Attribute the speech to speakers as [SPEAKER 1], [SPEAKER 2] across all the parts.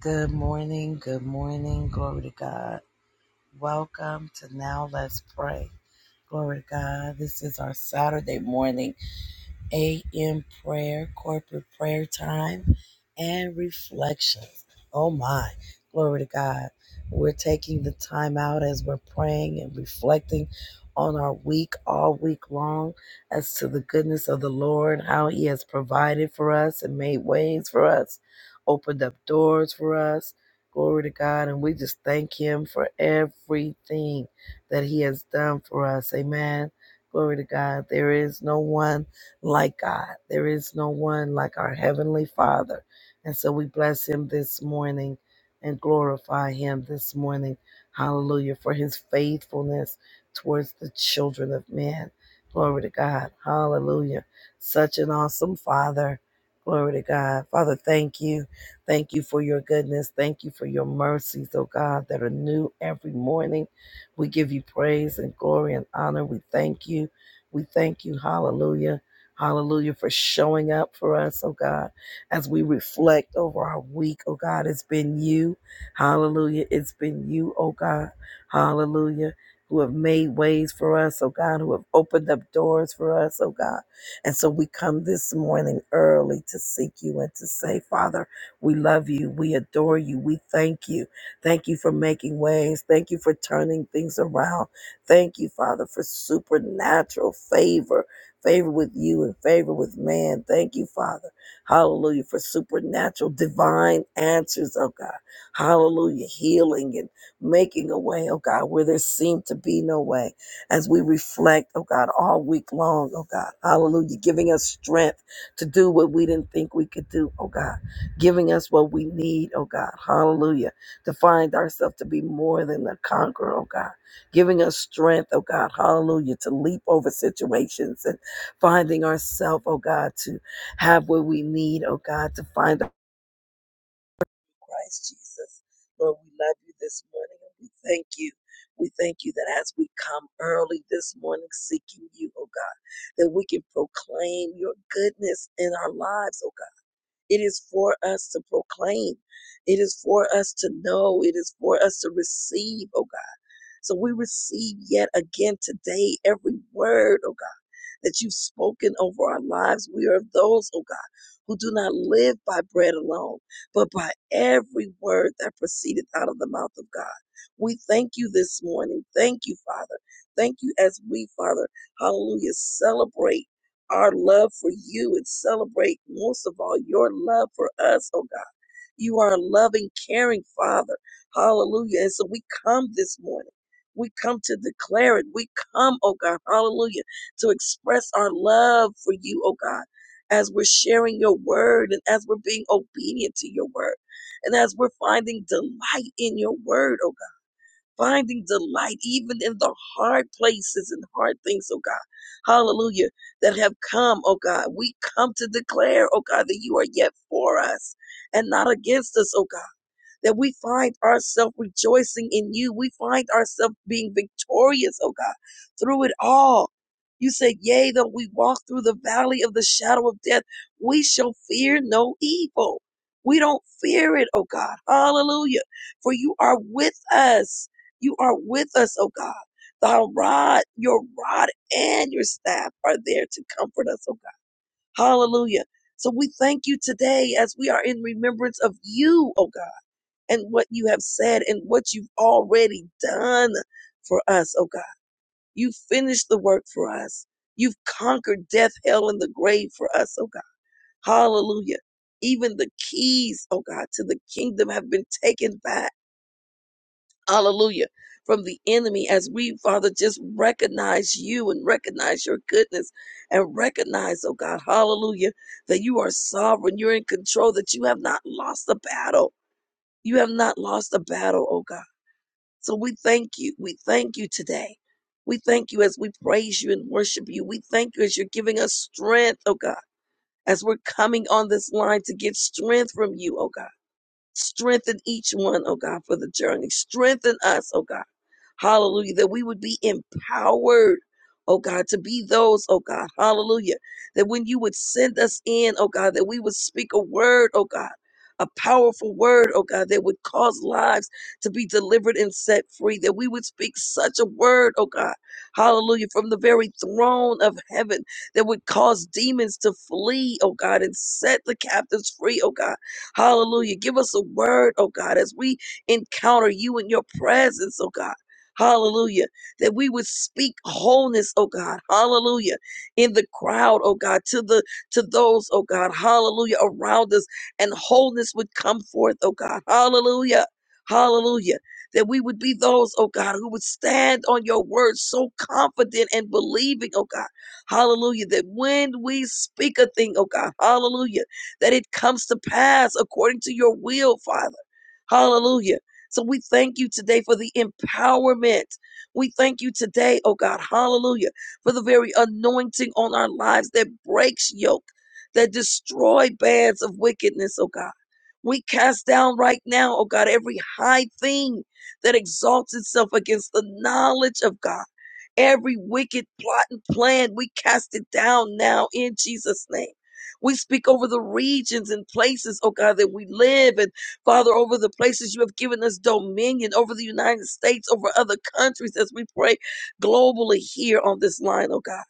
[SPEAKER 1] Good morning, good morning, glory to God. Welcome to Now Let's Pray. Glory to God. This is our Saturday morning a.m. prayer, corporate prayer time, and reflections. Oh my, glory to God. We're taking the time out as we're praying and reflecting on our week all week long as to the goodness of the Lord, how He has provided for us and made ways for us, opened up doors for us. Glory to God. And we just thank Him for everything that He has done for us. Amen. Glory to God. There is no one like God. There is no one like our Heavenly Father. And so we bless Him this morning and glorify Him this morning. Hallelujah for His faithfulness towards the children of men. Glory to God. Hallelujah. Such an awesome Father. Glory to God. Father, thank you. Thank you for your goodness. Thank you for your mercies, oh God, that are new every morning. We give you praise and glory and honor. We thank you. We thank you. Hallelujah Hallelujah for showing up for us, oh God, as we reflect over our week, oh God. It's been you. Hallelujah. It's been you, oh God. Hallelujah. Who have made ways for us, oh God, who have opened up doors for us, oh God. And so we come this morning early to seek you and to say, Father, we love you. We adore you. We thank you. Thank you for making ways. Thank you for turning things around. Thank you, Father, for supernatural favor favor with you and favor with man. Thank you, Father. Hallelujah for supernatural, divine answers, oh God. Hallelujah, healing and making a way, oh God, where there seemed to be no way. As we reflect, oh God, all week long, oh God. Hallelujah, giving us strength to do what we didn't think we could do, oh God. Giving us what we need, oh God. Hallelujah, to find ourselves to be more than a conqueror, oh God giving us strength, oh God, hallelujah, to leap over situations, finding ourselves, oh God, to have what we need, oh God, to find our Christ Jesus. Lord, we love you this morning and we thank you. We thank you that as we come early this morning seeking you, oh God, that we can proclaim your goodness in our lives, oh God. It is for us to proclaim. It is for us to know. It is for us to receive, oh God. So we receive yet again today every word, oh God that you've spoken over our lives. We are those, oh God, who do not live by bread alone, but by every word that proceedeth out of the mouth of God. We thank you this morning. Thank you, Father. Thank you as we, Father, hallelujah, celebrate our love for you and celebrate most of all your love for us, oh God. You are a loving, caring Father. Hallelujah. And so we come this morning. We come to declare it. We come, oh God, hallelujah, to express our love for you, oh God, as we're sharing your word and as we're being obedient to your word and as we're finding delight in your word, oh finding delight even in the hard places and hard things, oh God. Hallelujah. That have come, oh God. We come to declare, oh God, that you are yet for us and not against us, oh God that we find ourselves rejoicing in you. We find ourselves being victorious, oh God, through it all. You said, Yea, though we walk through the valley of the shadow of death, we shall fear no evil. We don't fear it, oh God. Hallelujah. For you are with us. You are with us, oh God. Thy rod, your rod and your staff are there to comfort us, oh God. Hallelujah. So we thank you today as we are in remembrance of you, oh God and what you have said and what you've already done for us, oh God. You finished the work for us. You've conquered death, hell, and the grave for us, oh God. Hallelujah. Even the keys, oh God, to the kingdom have been taken back. Hallelujah. From the enemy, as we, Father, just recognize you and recognize your goodness and recognize, oh God, hallelujah, that you are sovereign, you're in control, that you have not lost the battle. You have not lost the battle, oh God. So we thank you. We thank you today. We thank you as we praise you and worship you. We thank you as you're giving us strength, oh God, as we're coming on this line to get strength from you, oh God. Strengthen each one, oh God, for the journey. Strengthen us, oh God Hallelujah. That we would be empowered, oh God, to be those, oh God. Hallelujah. That when you would send us in, oh God, that we would speak a word, oh God. A powerful word, oh God, that would cause lives to be delivered and set free. That we would speak such a word, oh God, hallelujah, from the very throne of heaven that would cause demons to flee, oh God, and set the captives free, oh God. Hallelujah. Give us a word, oh God, as we encounter you in your presence, oh God. Hallelujah. That we would speak wholeness, oh God. Hallelujah. In the crowd, oh God, to the to those, oh God. Hallelujah. Around us and wholeness would come forth, oh God. Hallelujah. Hallelujah. That we would be those, oh God, who would stand on your word so confident and believing, oh God. Hallelujah. That when we speak a thing, oh God, hallelujah, that it comes to pass according to your will, Father. Hallelujah so we thank you today for the empowerment. We thank you today, oh God, hallelujah, for the very anointing on our lives that breaks yoke, that destroy bands of wickedness, oh God. We cast down right now, oh God, every high thing that exalts itself against the knowledge of God Every wicked plot and plan, we cast it down now in Jesus' name. We speak over the regions and places, oh God, that we live and Father, over the places you have given us dominion, over the United States, over other countries as we pray globally here on this line, oh God.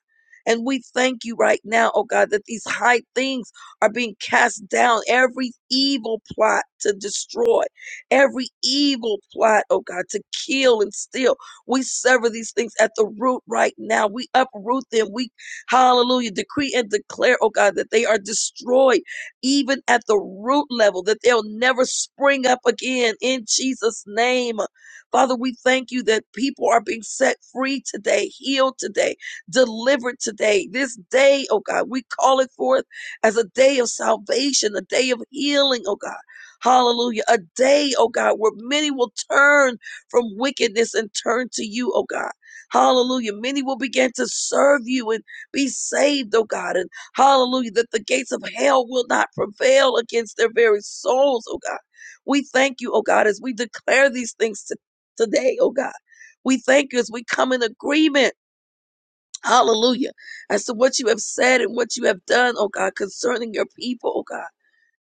[SPEAKER 1] And we thank you right now, oh God, that these high things are being cast down. Every evil plot to destroy, every evil plot, oh God, to kill and steal. We sever these things at the root right now. We uproot them. We, hallelujah, decree and declare, oh God, that they are destroyed even at the root level, that they'll never spring up again in Jesus' name. Father, we thank you that people are being set free today, healed today, delivered today. This day, oh God, we call it forth as a day of salvation, a day of healing, oh God. Hallelujah. A day, oh God, where many will turn from wickedness and turn to you, oh God. Hallelujah. Many will begin to serve you and be saved, oh God. And hallelujah, that the gates of hell will not prevail against their very souls, oh God. We thank you, oh God, as we declare these things to, today, oh God. We thank you as we come in agreement. Hallelujah. As to what you have said and what you have done, oh God, concerning your people, oh God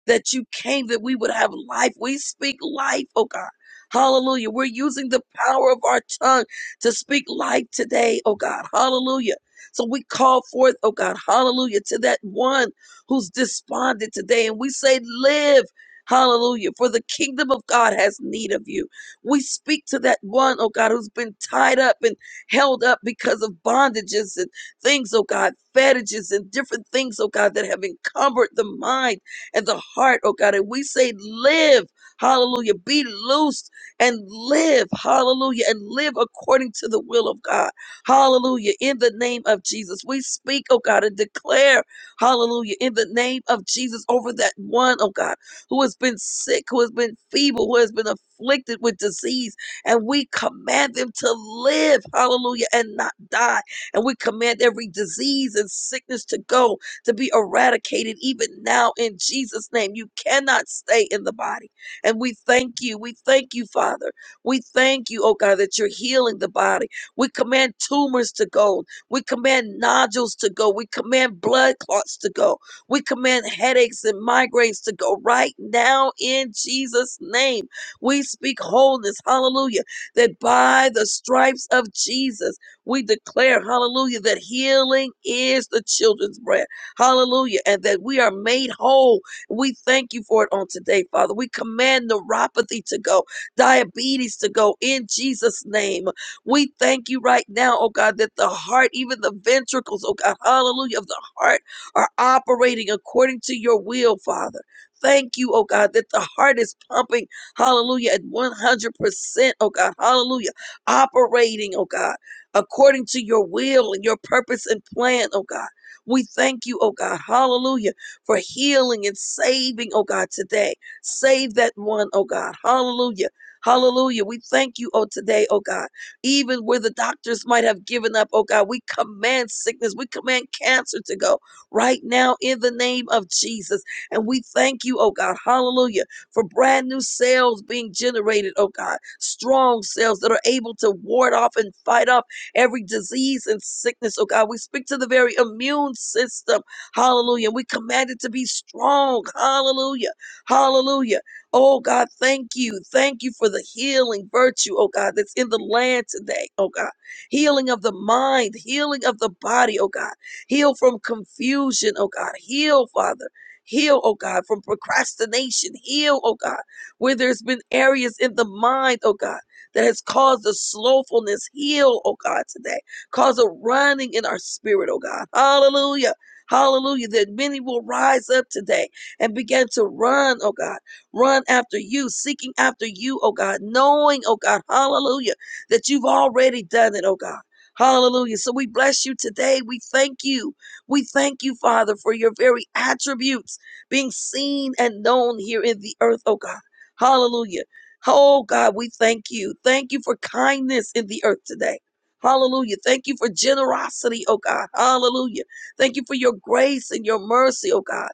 [SPEAKER 1] that you came that we would have life. We speak life, oh God. Hallelujah. We're using the power of our tongue to speak life today, oh God. Hallelujah. So we call forth, oh God, hallelujah, to that one who's despondent today. And we say, live. Hallelujah. For the kingdom of God has need of you. We speak to that one, oh God, who's been tied up and held up because of bondages and things, oh God, fetishes and different things, oh God, that have encumbered the mind and the heart, oh God. And we say, live, hallelujah, be loosed and live, hallelujah, and live according to the will of God, hallelujah, in the name of Jesus. We speak, oh God, and declare, hallelujah, in the name of Jesus over that one, oh God, who has been sick, who has been feeble, who has been afflicted with disease, and we command them to live, hallelujah, and not die. And we command every disease and sickness to go to be eradicated even now in Jesus' name. You cannot stay in the body. And we thank you. We thank you, Father. We thank you, oh God, that you're healing the body. We command tumors to go. We command nodules to go. We command blood clots to go. We command headaches and migraines to go right now in Jesus' name. We speak wholeness, hallelujah, that by the stripes of Jesus, we declare, hallelujah, that healing is the children's bread. Hallelujah. And that we are made whole. We thank you for it on today, Father. We command neuropathy to go, diabetes to go in Jesus' name. We thank you right now, oh God, that the heart, even the ventricles, oh God, hallelujah, of the heart are operating according to your will, Father. Thank you, oh God, that the heart is pumping, hallelujah, at 100%, oh God, hallelujah, operating, oh God, according to your will and your purpose and plan, oh God. We thank you, oh God, hallelujah, for healing and saving, oh God, today. Save that one, oh God, hallelujah. Hallelujah. We thank you, oh, today, oh God. Even where the doctors might have given up, oh God, we command sickness, we command cancer to go right now in the name of Jesus. And we thank you, oh God, hallelujah, for brand new cells being generated, oh God, strong cells that are able to ward off and fight off every disease and sickness, oh God. We speak to the very immune system. Hallelujah. We command it to be strong. Hallelujah. Hallelujah. Oh God, thank you. Thank you for the healing virtue, oh God, that's in the land today, oh God. Healing of the mind, healing of the body, oh God. Heal from confusion, oh God. Heal, Father. Heal, oh God, from procrastination. Heal, oh God, where there's been areas in the mind, oh God that has caused a slowfulness heal, oh God, today. Cause a running in our spirit, oh God. Hallelujah. Hallelujah. That many will rise up today and begin to run, oh God. Run after you, seeking after you, oh God. Knowing, oh God, hallelujah, that you've already done it, oh God. Hallelujah. So we bless you today. We thank you. We thank you, Father, for your very attributes being seen and known here in the earth, oh God. Hallelujah. Oh God, we thank you. Thank you for kindness in the earth today. Hallelujah. Thank you for generosity, oh God. Hallelujah. Thank you for your grace and your mercy, oh God.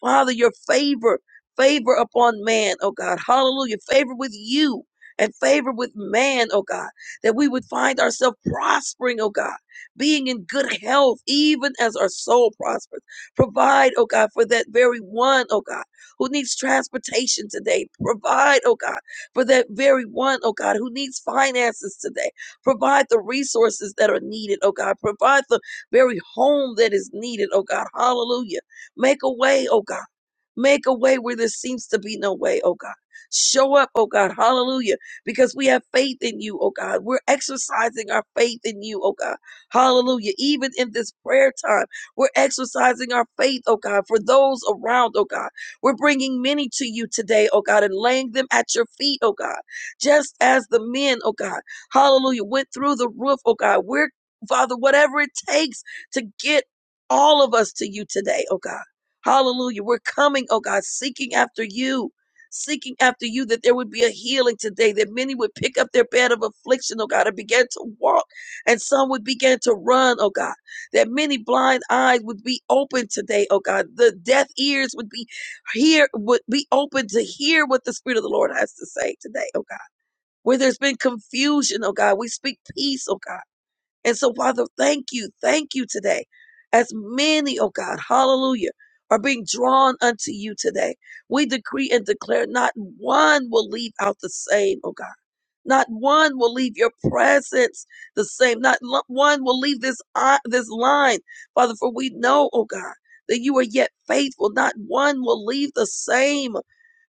[SPEAKER 1] Father, your favor, favor upon man, oh God. Hallelujah. Favor with you and favor with man, oh God, that we would find ourselves prospering, oh God, being in good health, even as our soul prospers. Provide, oh God, for that very one, oh God, who needs transportation today. Provide, oh God, for that very one, oh God, who needs finances today. Provide the resources that are needed, oh God. Provide the very home that is needed, oh God. Hallelujah. Make a way, oh God Make a way where there seems to be no way, oh God. Show up, oh God. Hallelujah. Because we have faith in you, oh God. We're exercising our faith in you, oh God. Hallelujah. Even in this prayer time, we're exercising our faith, oh God, for those around, oh God. We're bringing many to you today, oh God, and laying them at your feet, oh God. Just as the men, oh God, hallelujah, went through the roof, oh God. We're, Father, whatever it takes to get all of us to you today, oh God. Hallelujah. We're coming, oh God, seeking after you, seeking after you that there would be a healing today, that many would pick up their bed of affliction, oh God, and begin to walk, and some would begin to run, oh God, that many blind eyes would be open today, oh God, the deaf ears would be here, would be open to hear what the Spirit of the Lord has to say today, oh God. Where there's been confusion, oh God, we speak peace, oh God. And so, Father, thank you. Thank you today. As many, oh God, hallelujah, are being drawn unto you today. We decree and declare not one will leave out the same, oh God. Not one will leave your presence the same. Not lo- one will leave this i- this line, Father. For we know, oh God, that you are yet faithful. Not one will leave the same.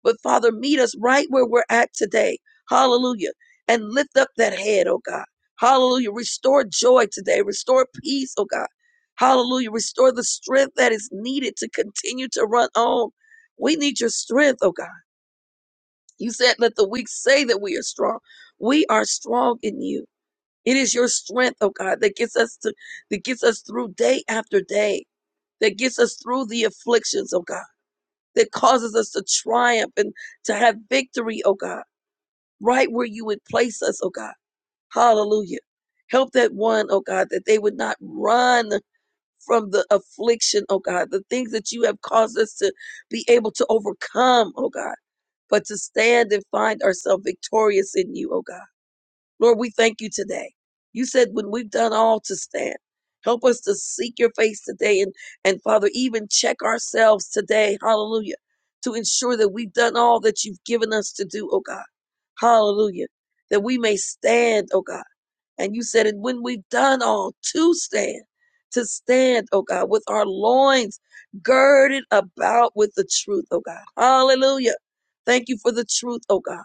[SPEAKER 1] But Father, meet us right where we're at today. Hallelujah. And lift up that head, oh God. Hallelujah. Restore joy today. Restore peace, oh God. Hallelujah. Restore the strength that is needed to continue to run on. We need your strength, oh God. You said, let the weak say that we are strong. We are strong in you. It is your strength, oh God, that gets us to, that gets us through day after day, that gets us through the afflictions, oh God, that causes us to triumph and to have victory, oh God, right where you would place us, oh God. Hallelujah. Help that one, oh God, that they would not run from the affliction, oh God, the things that you have caused us to be able to overcome, oh God but to stand and find ourselves victorious in you, oh God. Lord, we thank you today. You said when we've done all to stand, help us to seek your face today and, and Father, even check ourselves today, hallelujah, to ensure that we've done all that you've given us to do, oh God. Hallelujah. That we may stand, oh God and you said, and when we've done all to stand, to stand, oh God, with our loins girded about with the truth, oh God. Hallelujah. Thank you for the truth, oh God.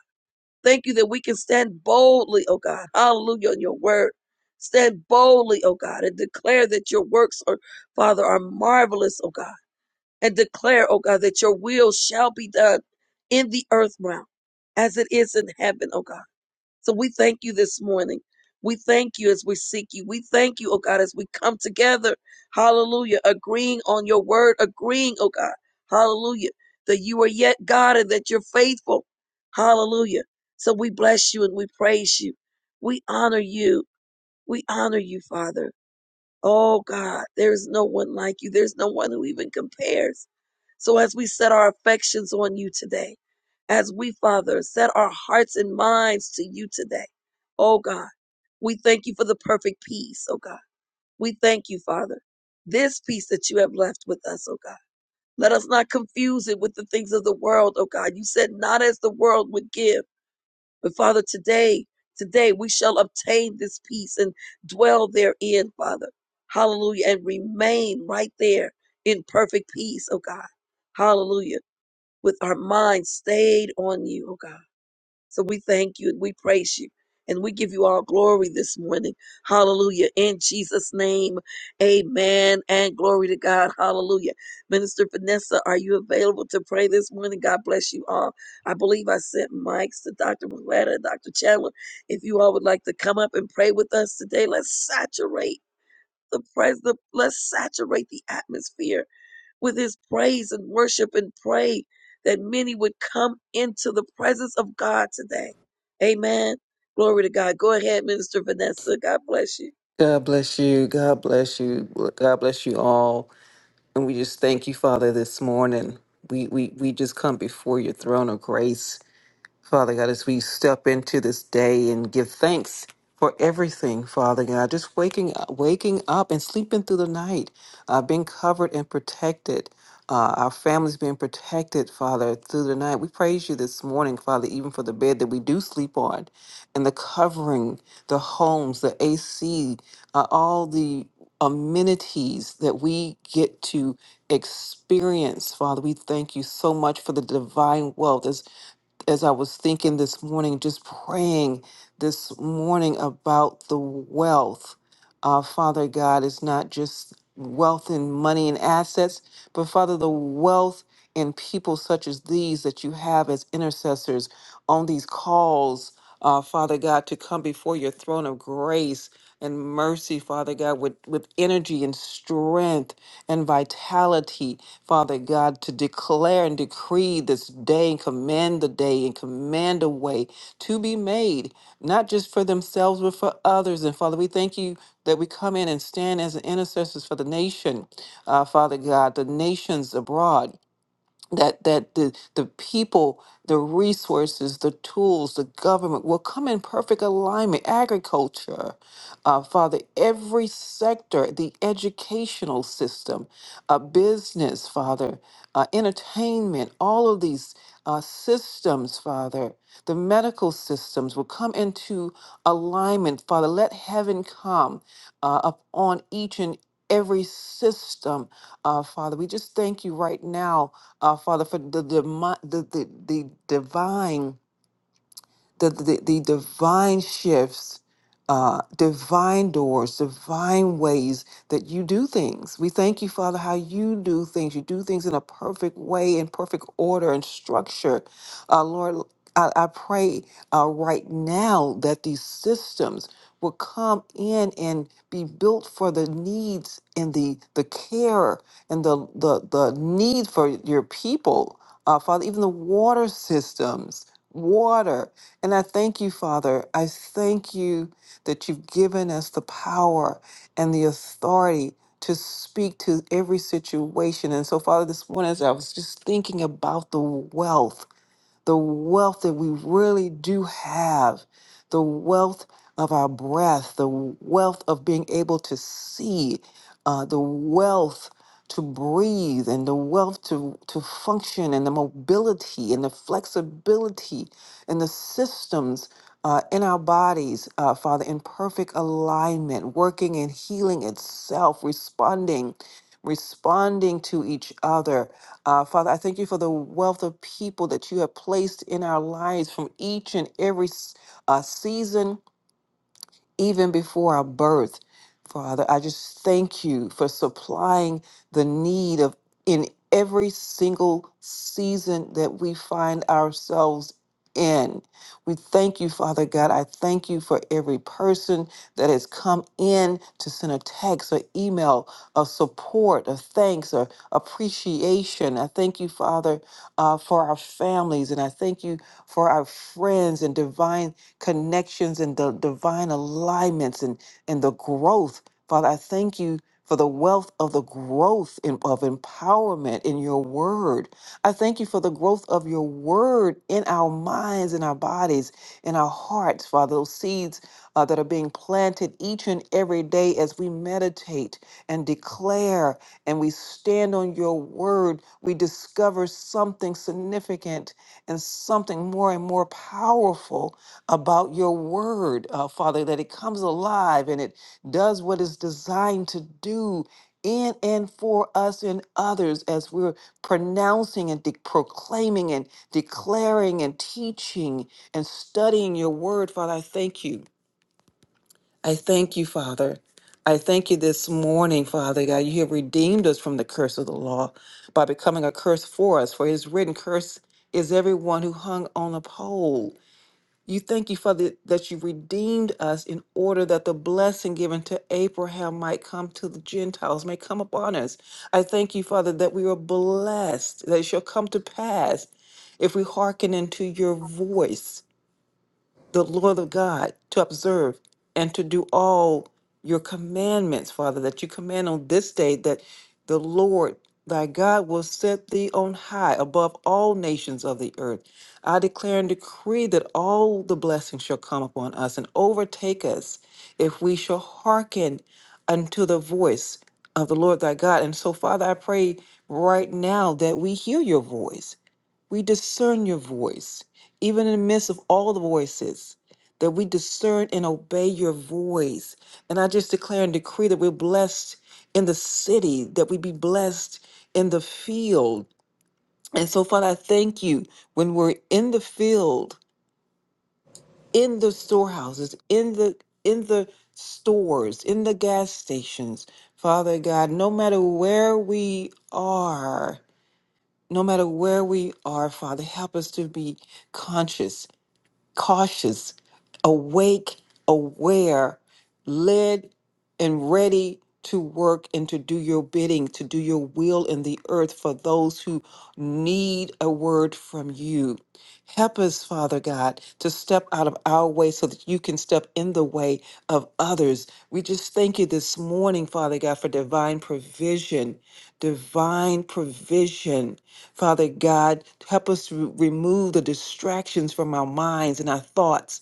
[SPEAKER 1] Thank you that we can stand boldly, oh God. Hallelujah on your word. Stand boldly, oh God, and declare that your works are, Father, are marvelous, oh God. And declare, oh God, that your will shall be done in the earth realm as it is in heaven, oh God. So we thank you this morning. We thank you as we seek you. We thank you, oh God, as we come together. Hallelujah. Agreeing on your word, agreeing, oh God. Hallelujah. That you are yet God and that you're faithful. Hallelujah. So we bless you and we praise you. We honor you. We honor you, Father. Oh God, there is no one like you. There's no one who even compares. So as we set our affections on you today, as we, Father, set our hearts and minds to you today, oh God, we thank you for the perfect peace, oh God. We thank you, Father, this peace that you have left with us, oh God. Let us not confuse it with the things of the world, oh God. You said not as the world would give. But Father, today, today we shall obtain this peace and dwell therein, Father. Hallelujah. And remain right there in perfect peace, oh God. Hallelujah. With our minds stayed on you, oh God so we thank you and we praise you and we give you all glory this morning. Hallelujah. In Jesus' name, amen and glory to God. Hallelujah. Minister Vanessa, are you available to pray this morning? God bless you all. I believe I sent mics to Dr. Willetta and Dr. Chandler. If you all would like to come up and pray with us today, let's saturate the presence. Let's saturate the atmosphere with his praise and worship and pray that many would come into the presence of God today. Amen. Glory to God. Go ahead, Minister Vanessa. God bless you.
[SPEAKER 2] God bless you. God bless you. God bless you all. And we just thank you, Father, this morning. We we we just come before your throne of grace. Father God, as we step into this day and give thanks for everything, Father God, just waking up, waking up and sleeping through the night, uh, being covered and protected, uh, our families being protected, Father, through the night. We praise you this morning, Father, even for the bed that we do sleep on, and the covering, the homes, the AC, uh, all the amenities that we get to experience, Father. We thank you so much for the divine wealth as I was thinking this morning, just praying this morning about the wealth. Uh, Father God, it's not just wealth and money and assets, but Father, the wealth in people such as these that you have as intercessors on these calls, uh, Father God, to come before your throne of grace and mercy, Father God, with, with energy and strength and vitality, Father God, to declare and decree this day and command the day and command a way to be made, not just for themselves, but for others. And Father, we thank you that we come in and stand as intercessors for the nation, uh, Father God, the nations abroad that that the the people the resources the tools the government will come in perfect alignment agriculture uh, father every sector the educational system uh, business father uh, entertainment all of these uh, systems father the medical systems will come into alignment father let heaven come uh, upon each and every system uh, father we just thank you right now uh, Father, for the, the, the, the divine the, the, the divine shifts, uh, divine doors, divine ways that you do things. We thank you, Father, how you do things. You do things in a perfect way, in perfect order and structure. Uh, Lord, I, I pray uh, right now that these systems will come in and be built for the needs and the the care and the the, the need for your people. Uh, Father, even the water systems, water. And I thank you, Father. I thank you that you've given us the power and the authority to speak to every situation. And so, Father, this morning, as I was just thinking about the wealth the wealth that we really do have, the wealth of our breath, the wealth of being able to see, uh, the wealth to breathe, and the wealth to, to function, and the mobility, and the flexibility, and the systems. Uh, in our bodies, uh, Father, in perfect alignment, working and healing itself, responding, responding to each other, uh, Father, I thank you for the wealth of people that you have placed in our lives from each and every s- uh, season even before our birth. Father, I just thank you for supplying the need of in every single season that we find ourselves in. We thank you, Father God. I thank you for every person that has come in to send a text or email of support, of thanks, or appreciation. I thank you, Father, uh, for our families, and I thank you for our friends and divine connections and the divine alignments and, and the growth. Father, I thank you for the wealth of the growth in, of empowerment in your word. I thank you for the growth of your word in our minds, in our bodies, in our hearts, Father, those seeds uh, that are being planted each and every day as we meditate and declare and we stand on your word, we discover something significant and something more and more powerful about your word, uh, Father, that it comes alive and it does what it's designed to do in and for us and others as we're pronouncing and de- proclaiming and declaring and teaching and studying your word, Father. I thank you. I thank you, Father. I thank you this morning, Father God. You have redeemed us from the curse of the law by becoming a curse for us, for it is written, Curse is everyone who hung on a pole. You thank you Father, that you redeemed us in order that the blessing given to Abraham might come to the Gentiles, may come upon us. I thank you, Father, that we are blessed, that it shall come to pass if we hearken unto your voice the Lord of God to observe and to do all your commandments, Father, that you command on this day, that the Lord thy God will set thee on high above all nations of the earth. I declare and decree that all the blessings shall come upon us and overtake us if we shall hearken unto the voice of the Lord thy God. And so, Father, I pray right now that we hear your voice we discern your voice, even in the midst of all the voices, that we discern and obey your voice. And I just declare and decree that we're blessed in the city, that we be blessed in the field. And so, Father, I thank you when we're in the field, in the storehouses, in the in the stores, in the gas stations, Father God, no matter where we are, no matter where we are, Father, help us to be conscious, cautious, awake, aware, led, and ready to work and to do your bidding, to do your will in the earth for those who need a word from you. Help us, Father God, to step out of our way so that you can step in the way of others. We just thank you this morning, Father God, for divine provision, divine provision. Father God, help us to remove the distractions from our minds and our thoughts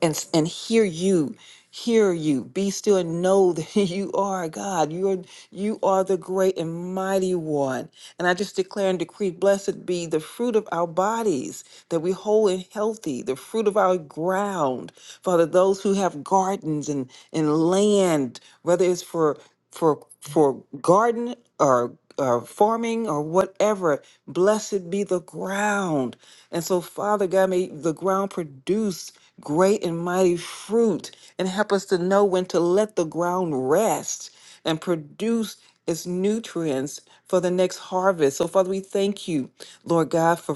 [SPEAKER 2] and, and hear you. Hear you. Be still and know that you are God. You are, you are the great and mighty one. And I just declare and decree, blessed be the fruit of our bodies that we whole and healthy, the fruit of our ground. Father, those who have gardens and, and land, whether it's for for for garden or or farming or whatever blessed be the ground and so father god may the ground produce great and mighty fruit and help us to know when to let the ground rest and produce its nutrients for the next harvest so father we thank you lord god for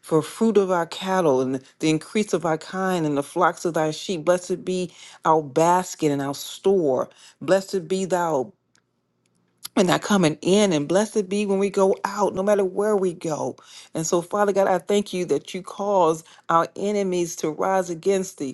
[SPEAKER 2] for fruit of our cattle and the increase of our kind and the flocks of thy sheep. Blessed be our basket and our store. Blessed be thou and thy coming in, and blessed be when we go out, no matter where we go. And so, Father God, I thank you that you cause our enemies to rise against thee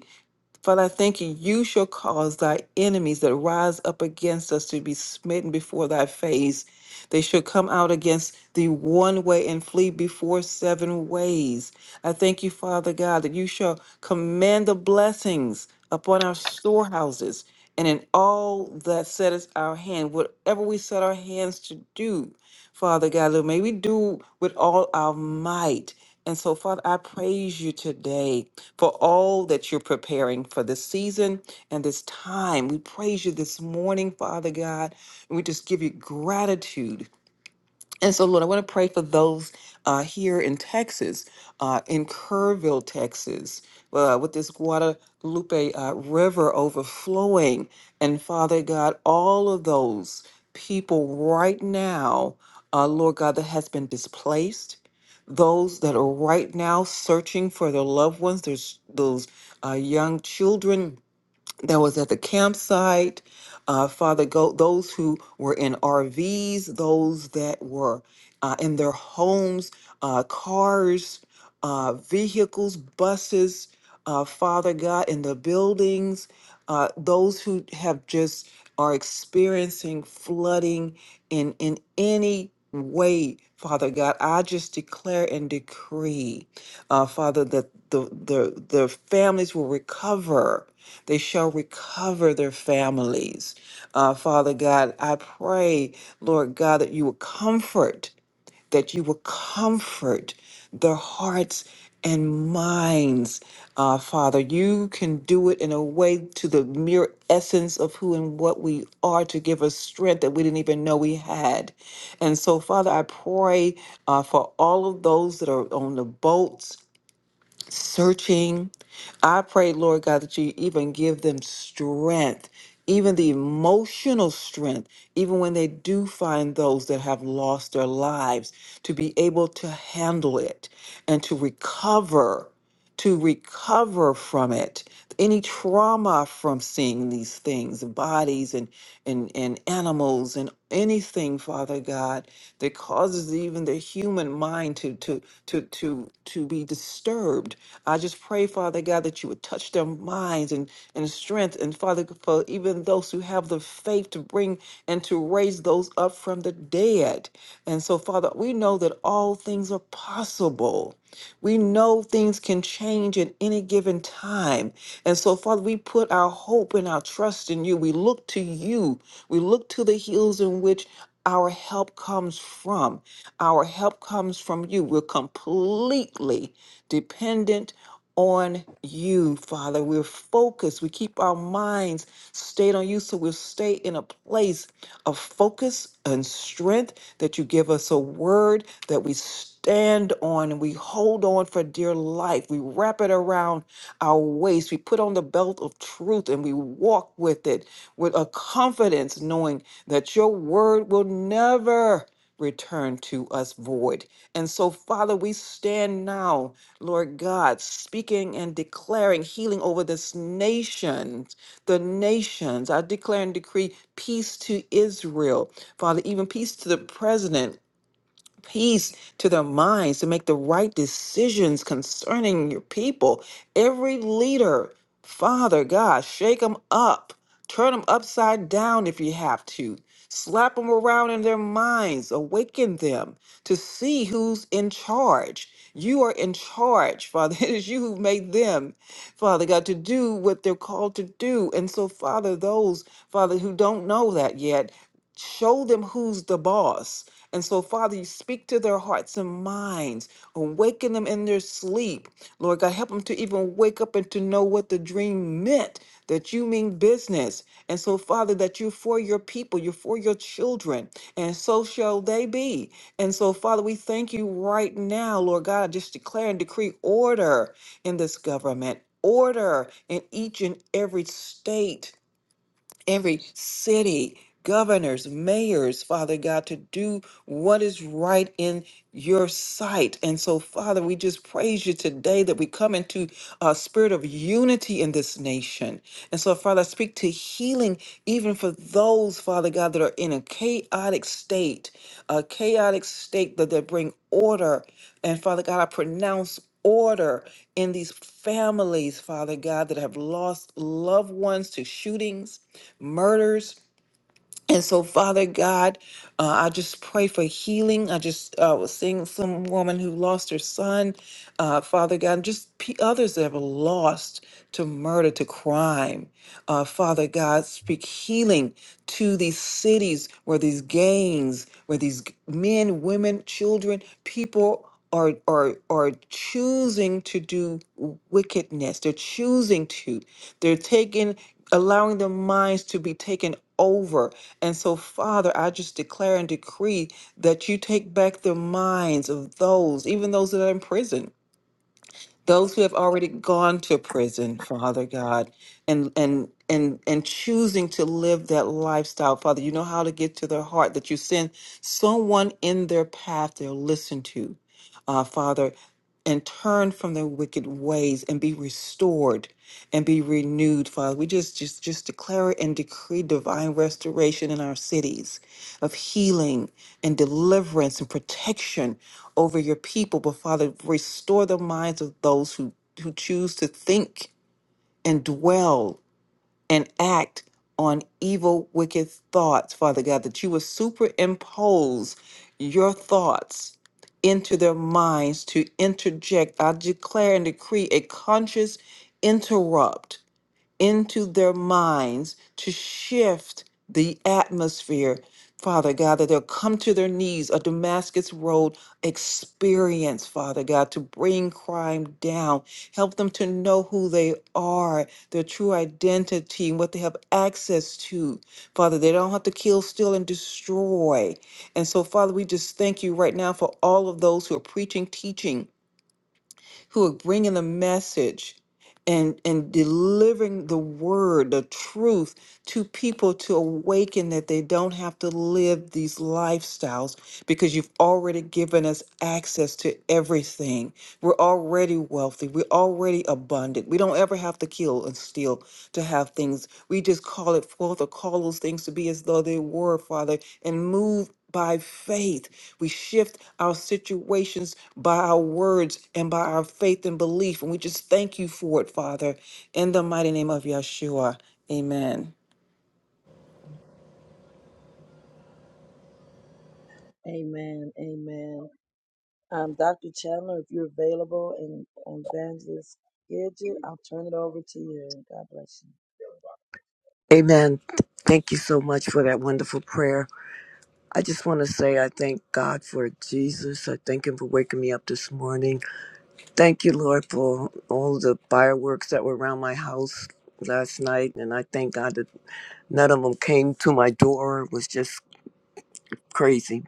[SPEAKER 2] Father, I thank you. You shall cause thy enemies that rise up against us to be smitten before thy face. They shall come out against thee one way and flee before seven ways. I thank you, Father God, that you shall command the blessings upon our storehouses and in all that setteth our hand, whatever we set our hands to do, Father God, Lord, may we do with all our might. And so, Father, I praise you today for all that you're preparing for this season and this time. We praise you this morning, Father God, and we just give you gratitude and so, Lord, I want to pray for those uh, here in Texas, uh, in Kerrville, Texas, uh, with this Guadalupe uh, River overflowing. And Father God, all of those people right now, uh, Lord God, that has been displaced, those that are right now searching for their loved ones, there's those uh, young children that was at the campsite. Uh, Father, go those who were in RVs, those that were uh, in their homes, uh, cars, uh, vehicles, buses. Uh, Father God, in the buildings, uh, those who have just are experiencing flooding in in any way, Father God, I just declare and decree, uh, Father, that the the the families will recover they shall recover their families. Uh, Father God, I pray, Lord God, that you will comfort, that you will comfort their hearts and minds. Uh, Father, you can do it in a way to the mere essence of who and what we are to give us strength that we didn't even know we had. And so, Father, I pray uh, for all of those that are on the boats searching. I pray, Lord God, that you even give them strength, even the emotional strength, even when they do find those that have lost their lives, to be able to handle it and to recover to recover from it any trauma from seeing these things bodies and and and animals and anything father god that causes even the human mind to to to to to be disturbed i just pray father god that you would touch their minds and and strength and father for even those who have the faith to bring and to raise those up from the dead and so father we know that all things are possible we know things can change at any given time. And so, Father, we put our hope and our trust in you. We look to you. We look to the hills in which our help comes from. Our help comes from you. We're completely dependent on you, Father. We're focused. We keep our minds stayed on you so we'll stay in a place of focus and strength that you give us a word that we stand on and we hold on for dear life. We wrap it around our waist. We put on the belt of truth and we walk with it with a confidence, knowing that your word will never return to us void. And so, Father, we stand now, Lord God, speaking and declaring healing over this nation, the nations. I declare and decree peace to Israel, Father, even peace to the president peace to their minds to make the right decisions concerning your people. Every leader, Father God, shake them up, turn them upside down if you have to, slap them around in their minds, awaken them to see who's in charge. You are in charge, Father. It is you who made them, Father God, to do what they're called to do. And so, Father, those, Father, who don't know that yet, show them who's the boss and so, Father, you speak to their hearts and minds, awaken them in their sleep. Lord God, help them to even wake up and to know what the dream meant, that you mean business. And so, Father, that you're for your people, you're for your children, and so shall they be. And so, Father, we thank you right now, Lord God, I just declare and decree order in this government. Order in each and every state every city, governors, mayors, Father God, to do what is right in your sight. And so, Father, we just praise you today that we come into a spirit of unity in this nation. And so, Father, I speak to healing even for those, Father God, that are in a chaotic state, a chaotic state that they bring order and Father God, I pronounce order in these families, Father God, that have lost loved ones to shootings, murders. And so, Father God, uh, I just pray for healing. I just uh, was seeing some woman who lost her son, uh, Father God, and just pe others that have lost to murder, to crime. Uh, Father God, speak healing to these cities where these gangs, where these g- men, women, children, people are are are choosing to do wickedness. They're choosing to. They're taking, allowing their minds to be taken over. And so, Father, I just declare and decree that you take back the minds of those, even those that are in prison those who have already gone to prison, Father God, and and and and choosing to live that lifestyle, Father, you know how to get to their heart that you send someone in their path they'll listen to, uh, Father, and turn from their wicked ways and be restored and be renewed, Father. We just just just declare and decree divine restoration in our cities of healing and deliverance and protection over your people, but Father, restore the minds of those who, who choose to think and dwell and act on evil, wicked thoughts, Father God, that you would superimpose your thoughts into their minds to interject. I declare and decree a conscious interrupt into their minds to shift the atmosphere, Father God, that they'll come to their knees, a Damascus Road experience, Father God, to bring crime down. Help them to know who they are, their true identity, and what they have access to. Father, they don't have to kill, steal, and destroy. And so, Father, we just thank you right now for all of those who are preaching, teaching who are bringing the message and and delivering the word, the truth to people to awaken that they don't have to live these lifestyles because you've already given us access to everything. We're already wealthy. We're already abundant. We don't ever have to kill and steal to have things. We just call it forth or call those things to be as though they were, Father, and move by faith. We shift our situations by our words and by our faith and belief. And we just thank you for it, Father, in the mighty name of Yeshua. Amen.
[SPEAKER 1] Amen. Um, Dr. Chandler, if you're available and and Evangelist Gidget, I'll turn it over to you. God bless you.
[SPEAKER 3] Amen. Thank you so much for that wonderful prayer. I just want to say I thank God for Jesus. I thank Him for waking me up this morning. Thank you, Lord, for all the fireworks that were around my house last night. And I thank God that none of them came to my door. It was just crazy.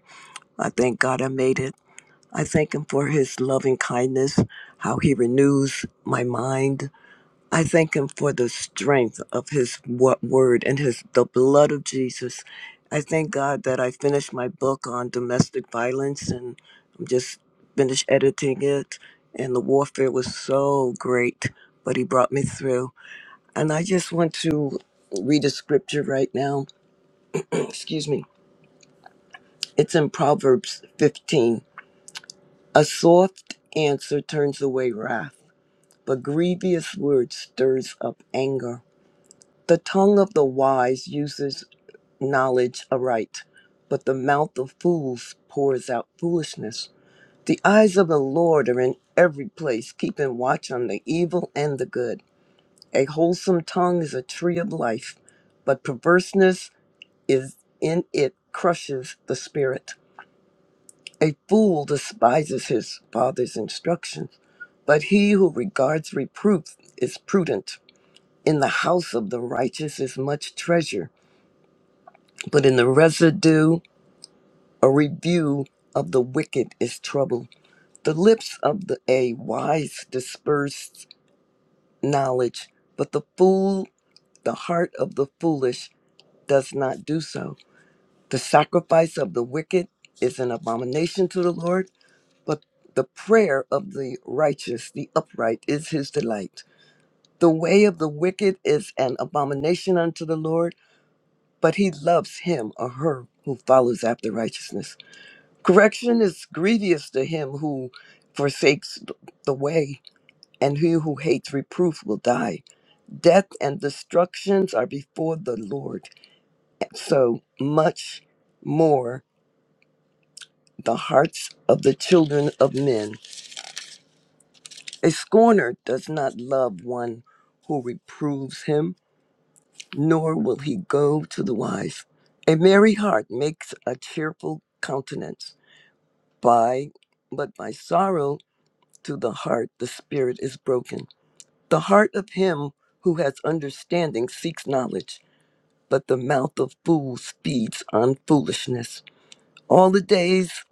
[SPEAKER 3] I thank God I made it. I thank Him for His loving kindness, how He renews my mind. I thank him for the strength of his wo- word and his the blood of Jesus. I thank God that I finished my book on domestic violence and I'm just finished editing it and the warfare was so great, but he brought me through. And I just want to read a scripture right now. Excuse me. It's in Proverbs 15. A soft answer turns away wrath, but grievous words stirs up anger. The tongue of the wise uses knowledge aright, but the mouth of fools pours out foolishness. The eyes of the Lord are in every place, keeping watch on the evil and the good. A wholesome tongue is a tree of life, but perverseness is in it crushes the spirit. A fool despises his father's instruction, but he who regards reproof is prudent. In the house of the righteous is much treasure but in the residue a review of the wicked is trouble the lips of the a wise disperse knowledge but the fool the heart of the foolish does not do so the sacrifice of the wicked is an abomination to the lord but the prayer of the righteous the upright is his delight the way of the wicked is an abomination unto the lord but he loves him or her who follows after righteousness Correction is grievous to him who forsakes th- the way, and he who hates reproof will die. Death and destructions are before the Lord. So much more the hearts of the children of men. A scorner does not love one who reproves him, nor will he go to the wise. A merry heart makes a cheerful countenance, by but by sorrow to the heart the spirit is broken. The heart of him who has understanding seeks knowledge, but the mouth of fools feeds on foolishness. All the days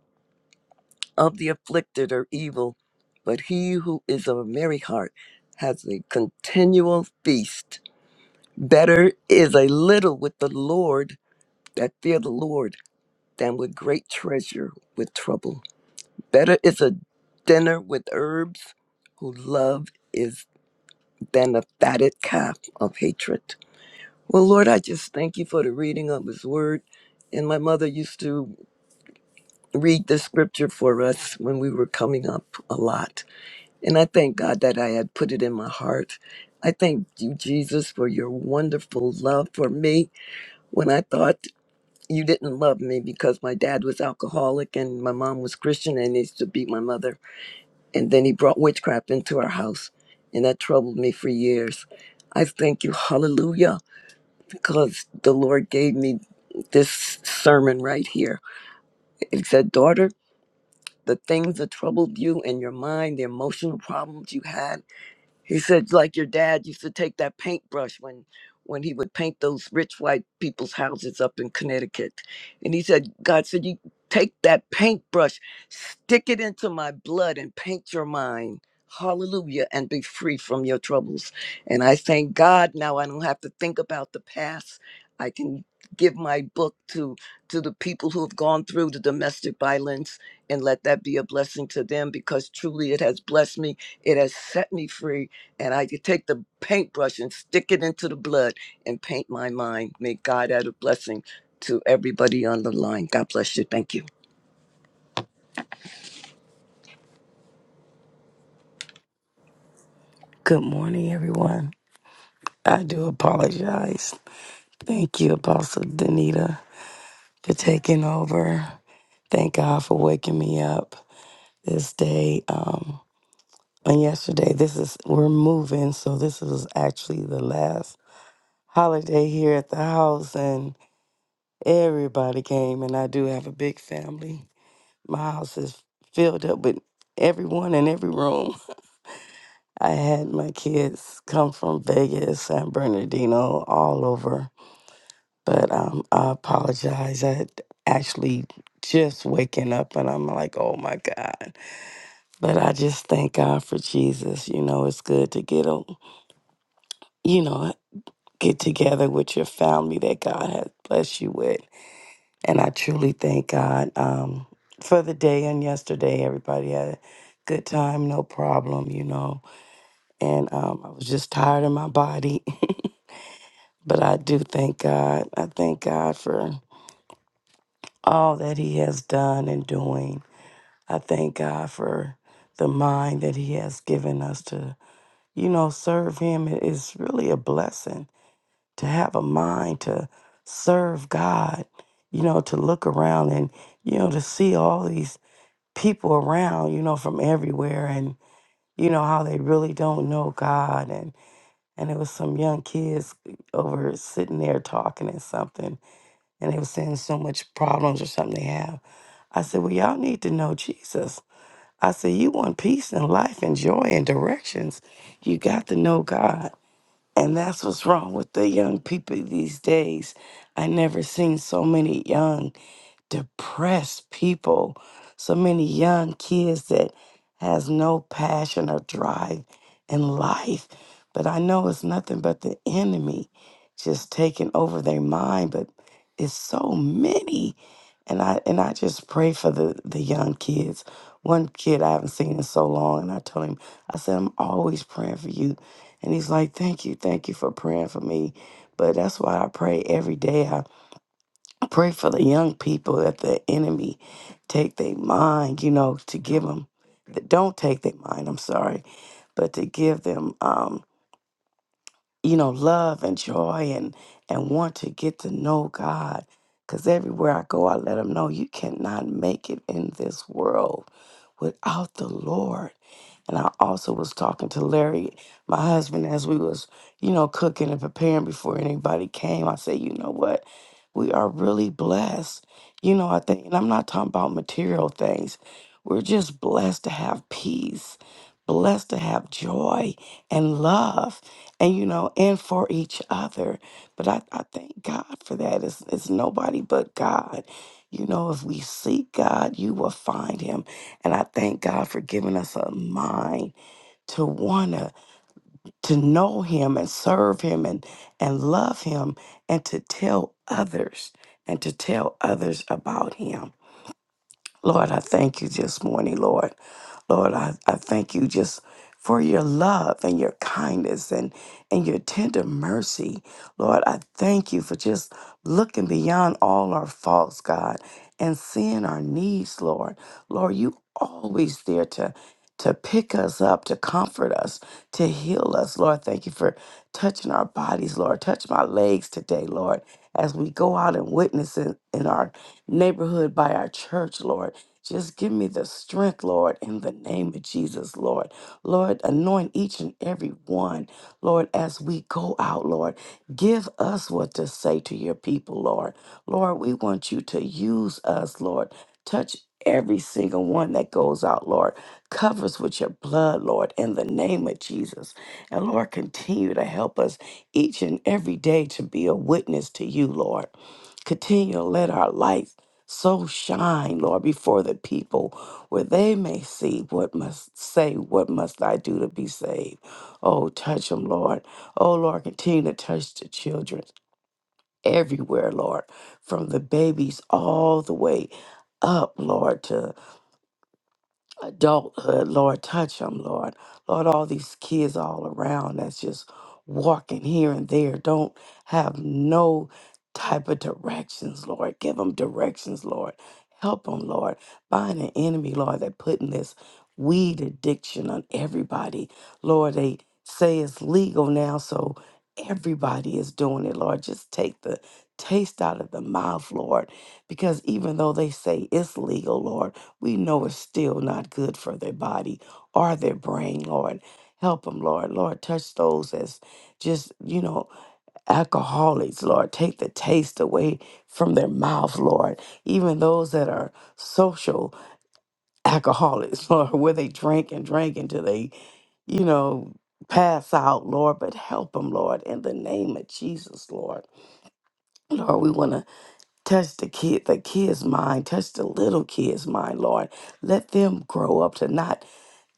[SPEAKER 3] of the afflicted are evil, but he who is of a merry heart has a continual feast. Better is a little with the Lord that fear the Lord than with great treasure with trouble. Better is a dinner with herbs who love is than a fatted calf of hatred. Well, Lord, I just thank you for the reading of His Word. And my mother used to read the scripture for us when we were coming up a lot. And I thank God that I had put it in my heart. I thank you, Jesus, for your wonderful love for me when I thought you didn't love me because my dad was alcoholic and my mom was Christian and used to beat my mother. And then he brought witchcraft into our house. And that troubled me for years. I thank you, hallelujah because the Lord gave me this sermon right here. It said, Daughter, the things that troubled you in your mind, the emotional problems you had, he said, like your dad used to take that paintbrush when when he would paint those rich white people's houses up in Connecticut. And he said, God said, you take that paintbrush, stick it into my blood and paint your mind. Hallelujah, and be free from your troubles. And I thank God now I don't have to think about the past. I can give my book to to the people who have gone through the domestic violence and let that be a blessing to them because truly it has blessed me. It has set me free and I could take the paintbrush and stick it into the blood and paint my mind. May God add a blessing to everybody on the line. God bless you. Thank you.
[SPEAKER 4] Good morning, everyone. I do apologize. Thank you, Apostle Danita, for taking over. Thank God for waking me up this day. Um, and yesterday, this is we're moving, so this was actually the last holiday here at the house, and everybody came. And I do have a big family. My house is filled up with everyone in every room. I had my kids come from Vegas, San Bernardino, all over But um, I apologize. I had actually just waking up and I'm like, oh my God. But I just thank God for Jesus. You know, it's good to get a, you know, get together with your family that God has blessed you with. And I truly thank God um, for the day and yesterday. Everybody had a good time, no problem, you know. And um, I was just tired in my body. but I do thank God. I thank God for all that He has done and doing I thank God for the mind that He has given us to, you know, serve Him. It is really a blessing to have a mind to serve God, you know, to look around and, you know, to see all these people around, you know, from everywhere and, you know, how they really don't know God. And, and it was some young kids over sitting there talking and something, and they were saying so much problems or something they have. I said, Well, y'all need to know Jesus. I said, You want peace and life and joy and directions. You got to know God. And that's what's wrong with the young people these days. I never seen so many young depressed people so many young kids that has no passion or drive in life but i know it's nothing but the enemy just taking over their mind but it's so many and i and i just pray for the the young kids one kid i haven't seen in so long and i told him i said i'm always praying for you and he's like thank you thank you for praying for me but that's why i pray every day Pray for the young people that the enemy take their mind, you know, to give them, don't take their mind, I'm sorry, but to give them um, you know, love and joy and and want to get to know God. Cause everywhere I go, I let them know you cannot make it in this world without the Lord. And I also was talking to Larry, my husband, as we was, you know, cooking and preparing before anybody came. I said, you know what? We are really blessed. You know, I think, and I'm not talking about material things. We're just blessed to have peace, blessed to have joy and love and you know, and for each other. But I, I thank God for that. It's, it's nobody but God. You know, if we seek God, you will find him. And I thank God for giving us a mind to wanna to know him and serve him and and love him and to tell others and to tell others about him. Lord, I thank you this morning, Lord. Lord, I, I thank you just for your love and your kindness and, and your tender mercy. Lord, I thank you for just looking beyond all our faults, God, and seeing our needs, Lord. Lord, you always there to to pick us up, to comfort us, to heal us. Lord, thank you for touching our bodies, Lord. Touch my legs today, Lord, as we go out and witness in, in our neighborhood by our church, Lord. Just give me the strength, Lord, in the name of Jesus, Lord. Lord, anoint each and every one, Lord, as we go out, Lord. Give us what to say to your people, Lord. Lord, we want you to use us, Lord. Touch every single one that goes out, Lord. Covers with your blood, Lord, in the name of Jesus. And Lord, continue to help us each and every day to be a witness to you, Lord. Continue to let our light so shine, Lord, before the people where they may see what must say, what must I do to be saved. Oh, touch them, Lord. Oh, Lord, continue to touch the children everywhere, Lord, from the babies all the way up, Lord, to adulthood, Lord, touch them, Lord. Lord, all these kids all around that's just walking here and there, don't have no type of directions, Lord. Give them directions, Lord. Help them, Lord. Bind an enemy, Lord, that putting this weed addiction on everybody. Lord, they say it's legal now, so everybody is doing it, Lord. Just take the taste out of the mouth, Lord, because even though they say it's legal, Lord, we know it's still not good for their body or their brain, Lord. Help them, Lord. Lord, touch those as just, you know, alcoholics, Lord. Take the taste away from their mouth, Lord. Even those that are social alcoholics, Lord, where they drink and drink until they, you know, pass out, Lord. But help them, Lord, in the name of Jesus, Lord. Lord, we want to touch the kid, the kid's mind, touch the little kid's mind, Lord. Let them grow up to not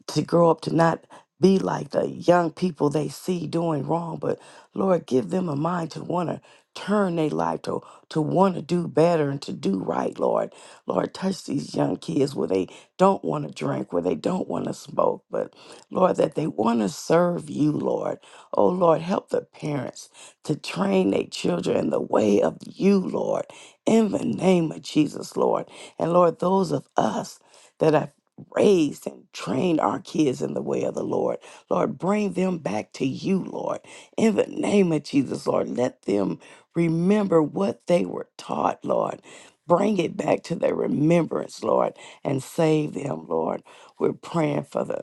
[SPEAKER 4] to grow up to not be like the young people they see doing wrong, but Lord, give them a mind to want to turn their life to to want to do better and to do right, Lord. Lord, touch these young kids where they don't want to drink, where they don't want to smoke, but Lord, that they want to serve you, Lord. Oh Lord, help the parents to train their children in the way of you, Lord, in the name of Jesus, Lord. And Lord, those of us. that are raised and trained our kids in the way of the Lord. Lord, bring them back to you, Lord. In the name of Jesus, Lord, let them remember what they were taught, Lord. Bring it back to their remembrance, Lord, and save them, Lord. We're praying for the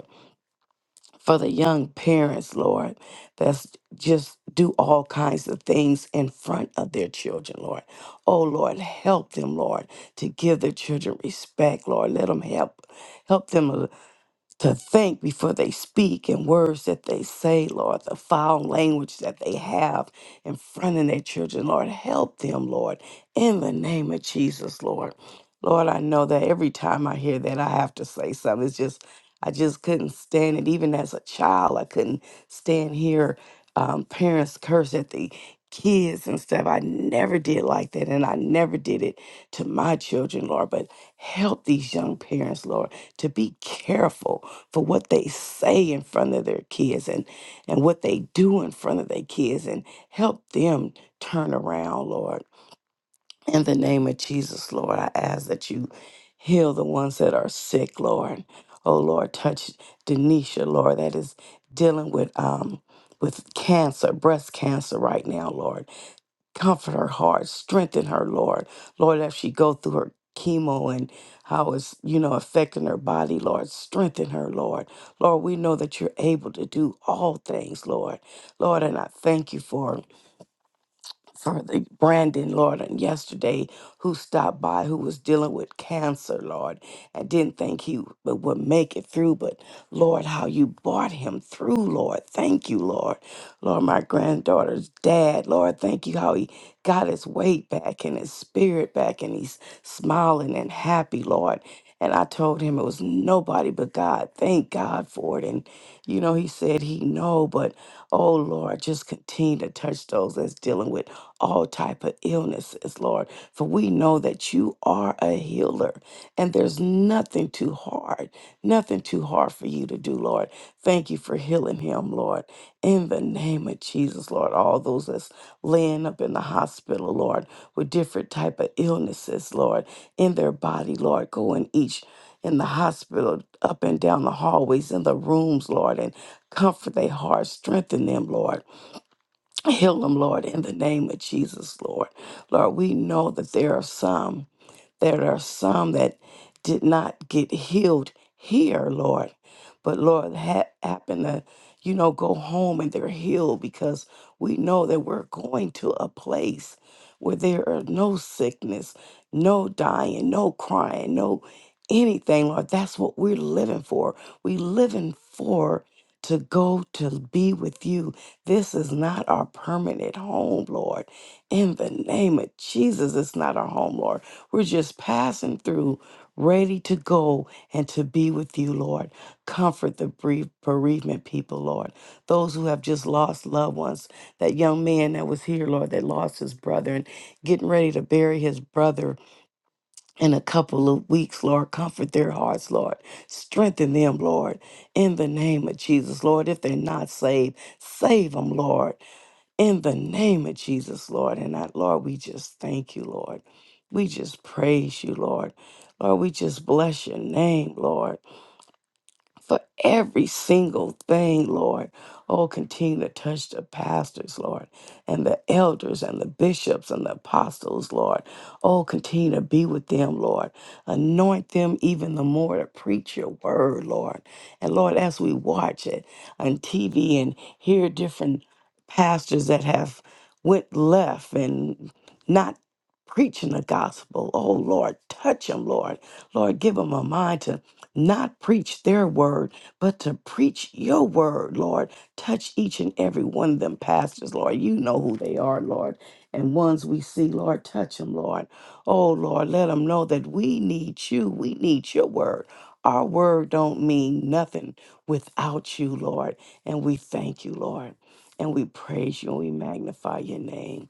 [SPEAKER 4] for the young parents, Lord, that's just do all kinds of things in front of their children, Lord. Oh Lord, help them, Lord, to give their children respect, Lord. Let them help help them uh, to think before they speak and words that they say, Lord, the foul language that they have in front of their children. Lord, help them, Lord, in the name of Jesus, Lord. Lord, I know that every time I hear that, I have to say something. It's just, I just couldn't stand it. Even as a child, I couldn't stand here. Um, parents curse at the kids and stuff. I never did like that, and I never did it to my children, Lord. But help these young parents, Lord, to be careful for what they say in front of their kids and, and what they do in front of their kids and help them turn around, Lord. In the name of Jesus, Lord, I ask that you heal the ones that are sick, Lord. Oh Lord, touch Denisha, Lord, that is dealing with um with cancer, breast cancer right now, Lord comfort her heart, strengthen her, Lord. Lord, as she go through her chemo and how it's, you know, affecting her body, Lord, strengthen her, Lord. Lord, we know that you're able to do all things, Lord. Lord, and I thank you for for the Brandon, Lord, and yesterday who stopped by, who was dealing with cancer, Lord, and didn't think he would would make it through. But Lord, how you brought him through, Lord. Thank you, Lord. Lord, my granddaughter's dad, Lord, thank you how he got his weight back and his spirit back, and he's smiling and happy, Lord. And I told him it was nobody but God. Thank God for it. And, you know, he said he know, but oh Lord, just continue to touch those that's dealing with all type of illnesses, Lord. For we know that you are a healer and there's nothing too hard, nothing too hard for you to do, Lord. Thank you for healing him, Lord. In the name of Jesus, Lord, all those that's laying up in the hospital, Lord, with different type of illnesses, Lord, in their body, Lord, go in each in the hospital, up and down the hallways, in the rooms, Lord, and comfort their hearts, strengthen them, Lord. Heal them, Lord, in the name of Jesus, Lord. Lord, we know that there are some. There are some that did not get healed here, Lord. But Lord, ha- happen to, you know, go home and they're healed because we know that we're going to a place where there are no sickness, no dying, no crying, no anything, Lord. That's what we're living for. We living for to go to be with you. This is not our permanent home, Lord. In the name of Jesus, it's not our home, Lord. We're just passing through, ready to go and to be with you, Lord. Comfort the bereave- bereavement people, Lord. Those who have just lost loved ones. That young man that was here, Lord, that lost his brother and getting ready to bury his brother in a couple of weeks, Lord. Comfort their hearts, Lord. Strengthen them, Lord. In the name of Jesus, Lord. If they're not saved, save them, Lord in the name of Jesus, Lord. And I, Lord, we just thank you, Lord. We just praise you, Lord. Lord, we just bless your name, Lord for every single thing, Lord. Oh, continue to touch the pastors, Lord, and the elders and the bishops and the apostles, Lord. Oh, continue to be with them, Lord. Anoint them even the more to preach your word, Lord. And Lord, as we watch it on TV and hear different pastors that have went left and not preaching the gospel. Oh Lord, touch them, Lord. Lord, give them a mind to not preach their word, but to preach your word, Lord. Touch each and every one of them pastors, Lord. You know who they are, Lord. And ones we see, Lord, touch them, Lord. Oh, Lord, let them know that we need you. We need your word. Our word don't mean nothing without you, Lord. And we thank you, Lord. And we praise you and we magnify your name.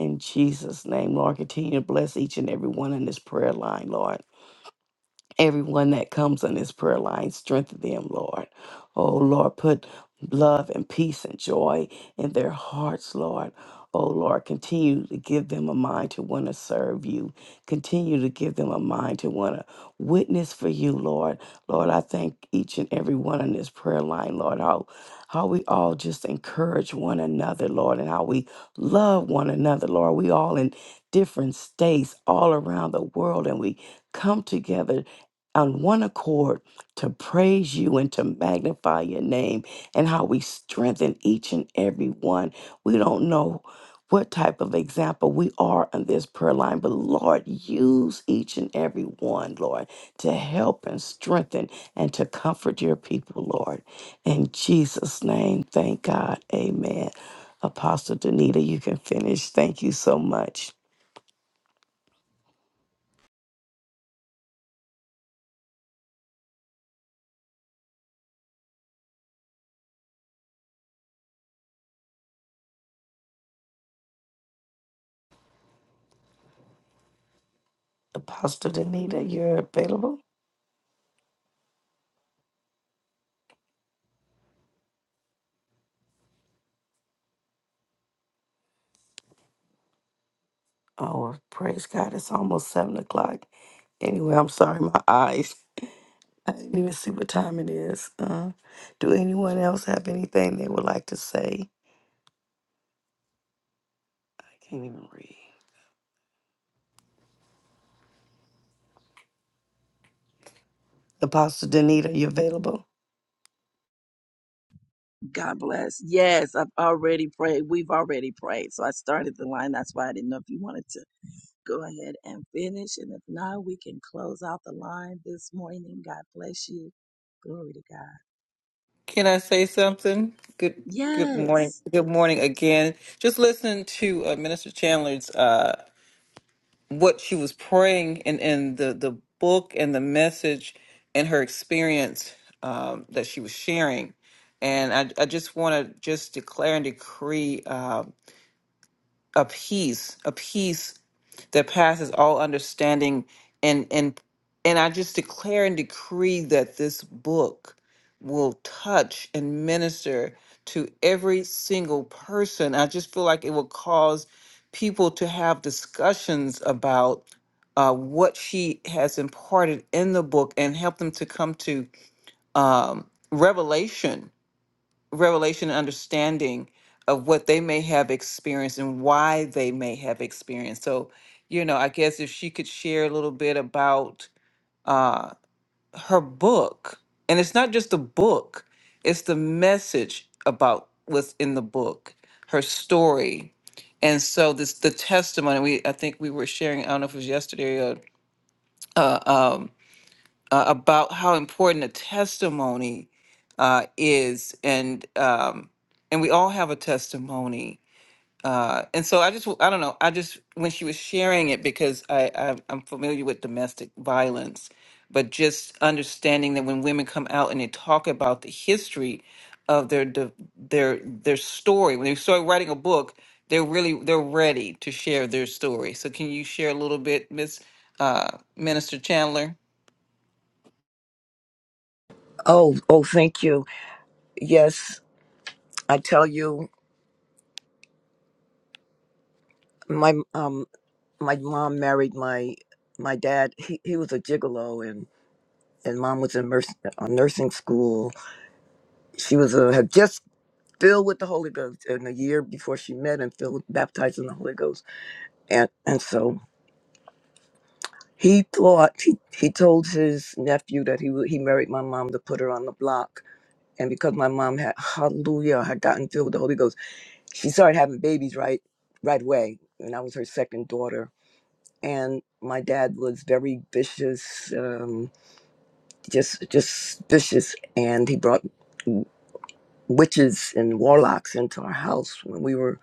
[SPEAKER 4] In Jesus' name, Lord, continue to bless each and every one in this prayer line, Lord everyone that comes on this prayer line. Strengthen them, Lord. Oh, Lord, put love and peace and joy in their hearts, Lord. Oh, Lord, continue to give them a mind to want to serve you. Continue to give them a mind to want to witness for you, Lord. Lord, I thank each and every one on this prayer line, Lord, how, how we all just encourage one another, Lord, and how we love one another, Lord. We all in different states all around the world, and we come together on one accord to praise you and to magnify your name and how we strengthen each and every one. We don't know what type of example we are on this prayer line, but Lord, use each and every one, Lord, to help and strengthen and to comfort your people, Lord. In Jesus' name, thank God. Amen. Apostle Danita, you can finish. Thank you so much. Apostle Danita, you're available? Oh, praise God. It's almost seven o'clock. Anyway, I'm sorry, my eyes. I didn't even see what time it is. Uh, do anyone else have anything they would like to say? I can't even read. Apostle Danita, are you available?
[SPEAKER 1] God bless. Yes, I've already prayed. We've already prayed. So I started the line. That's why I didn't know if you wanted to. Go ahead and finish. And if not, we can close out the line this morning. God bless you. Glory to God.
[SPEAKER 2] Can I say something? Good good morning.
[SPEAKER 1] Yes.
[SPEAKER 2] Good morning again. Just listen to uh, Minister Chandler's uh, what she was praying and in the the book and the message and her experience um, that she was sharing. And I, I just want to just declare and decree uh, a peace, a peace that passes all understanding and and and I just declare and decree that this book will touch and minister to every single person. I just feel like it will cause people to have discussions about uh, what she has imparted in the book and help them to come to um, revelation revelation and understanding of what they may have experienced and why they may have experienced. So, you know, I guess if she could share a little bit about uh, her book, and it's not just the book, it's the message about what's in the book, her story. And so this the testimony we I think we were sharing I don't know if it was yesterday or uh, um, uh, about how important a testimony uh, is, and um, and we all have a testimony. Uh, and so I just w- I don't know I just when she was sharing it because I, I I'm familiar with domestic violence, but just understanding that when women come out and they talk about the history of their de- their their story when they start writing a book they're really they're ready to share their story. So can you share a little bit, Miss uh, Minister Chandler?
[SPEAKER 3] Oh, oh, thank you. Yes, I tell you, my um, my mom married my my dad. He he was a gigolo, and and mom was in nurs- uh, nursing school. She was uh, had just filled with the Holy Ghost, and a year before she met and filled baptized in the Holy Ghost, and and so He thought he, he told his nephew that he wa- he married my mom to put her on the block, and because my mom had hallelujah had gotten filled with the Holy Ghost, she started having babies right right away, and I was her second daughter. And my dad was very vicious, um, just just vicious, and he brought witches and warlocks into our house when we were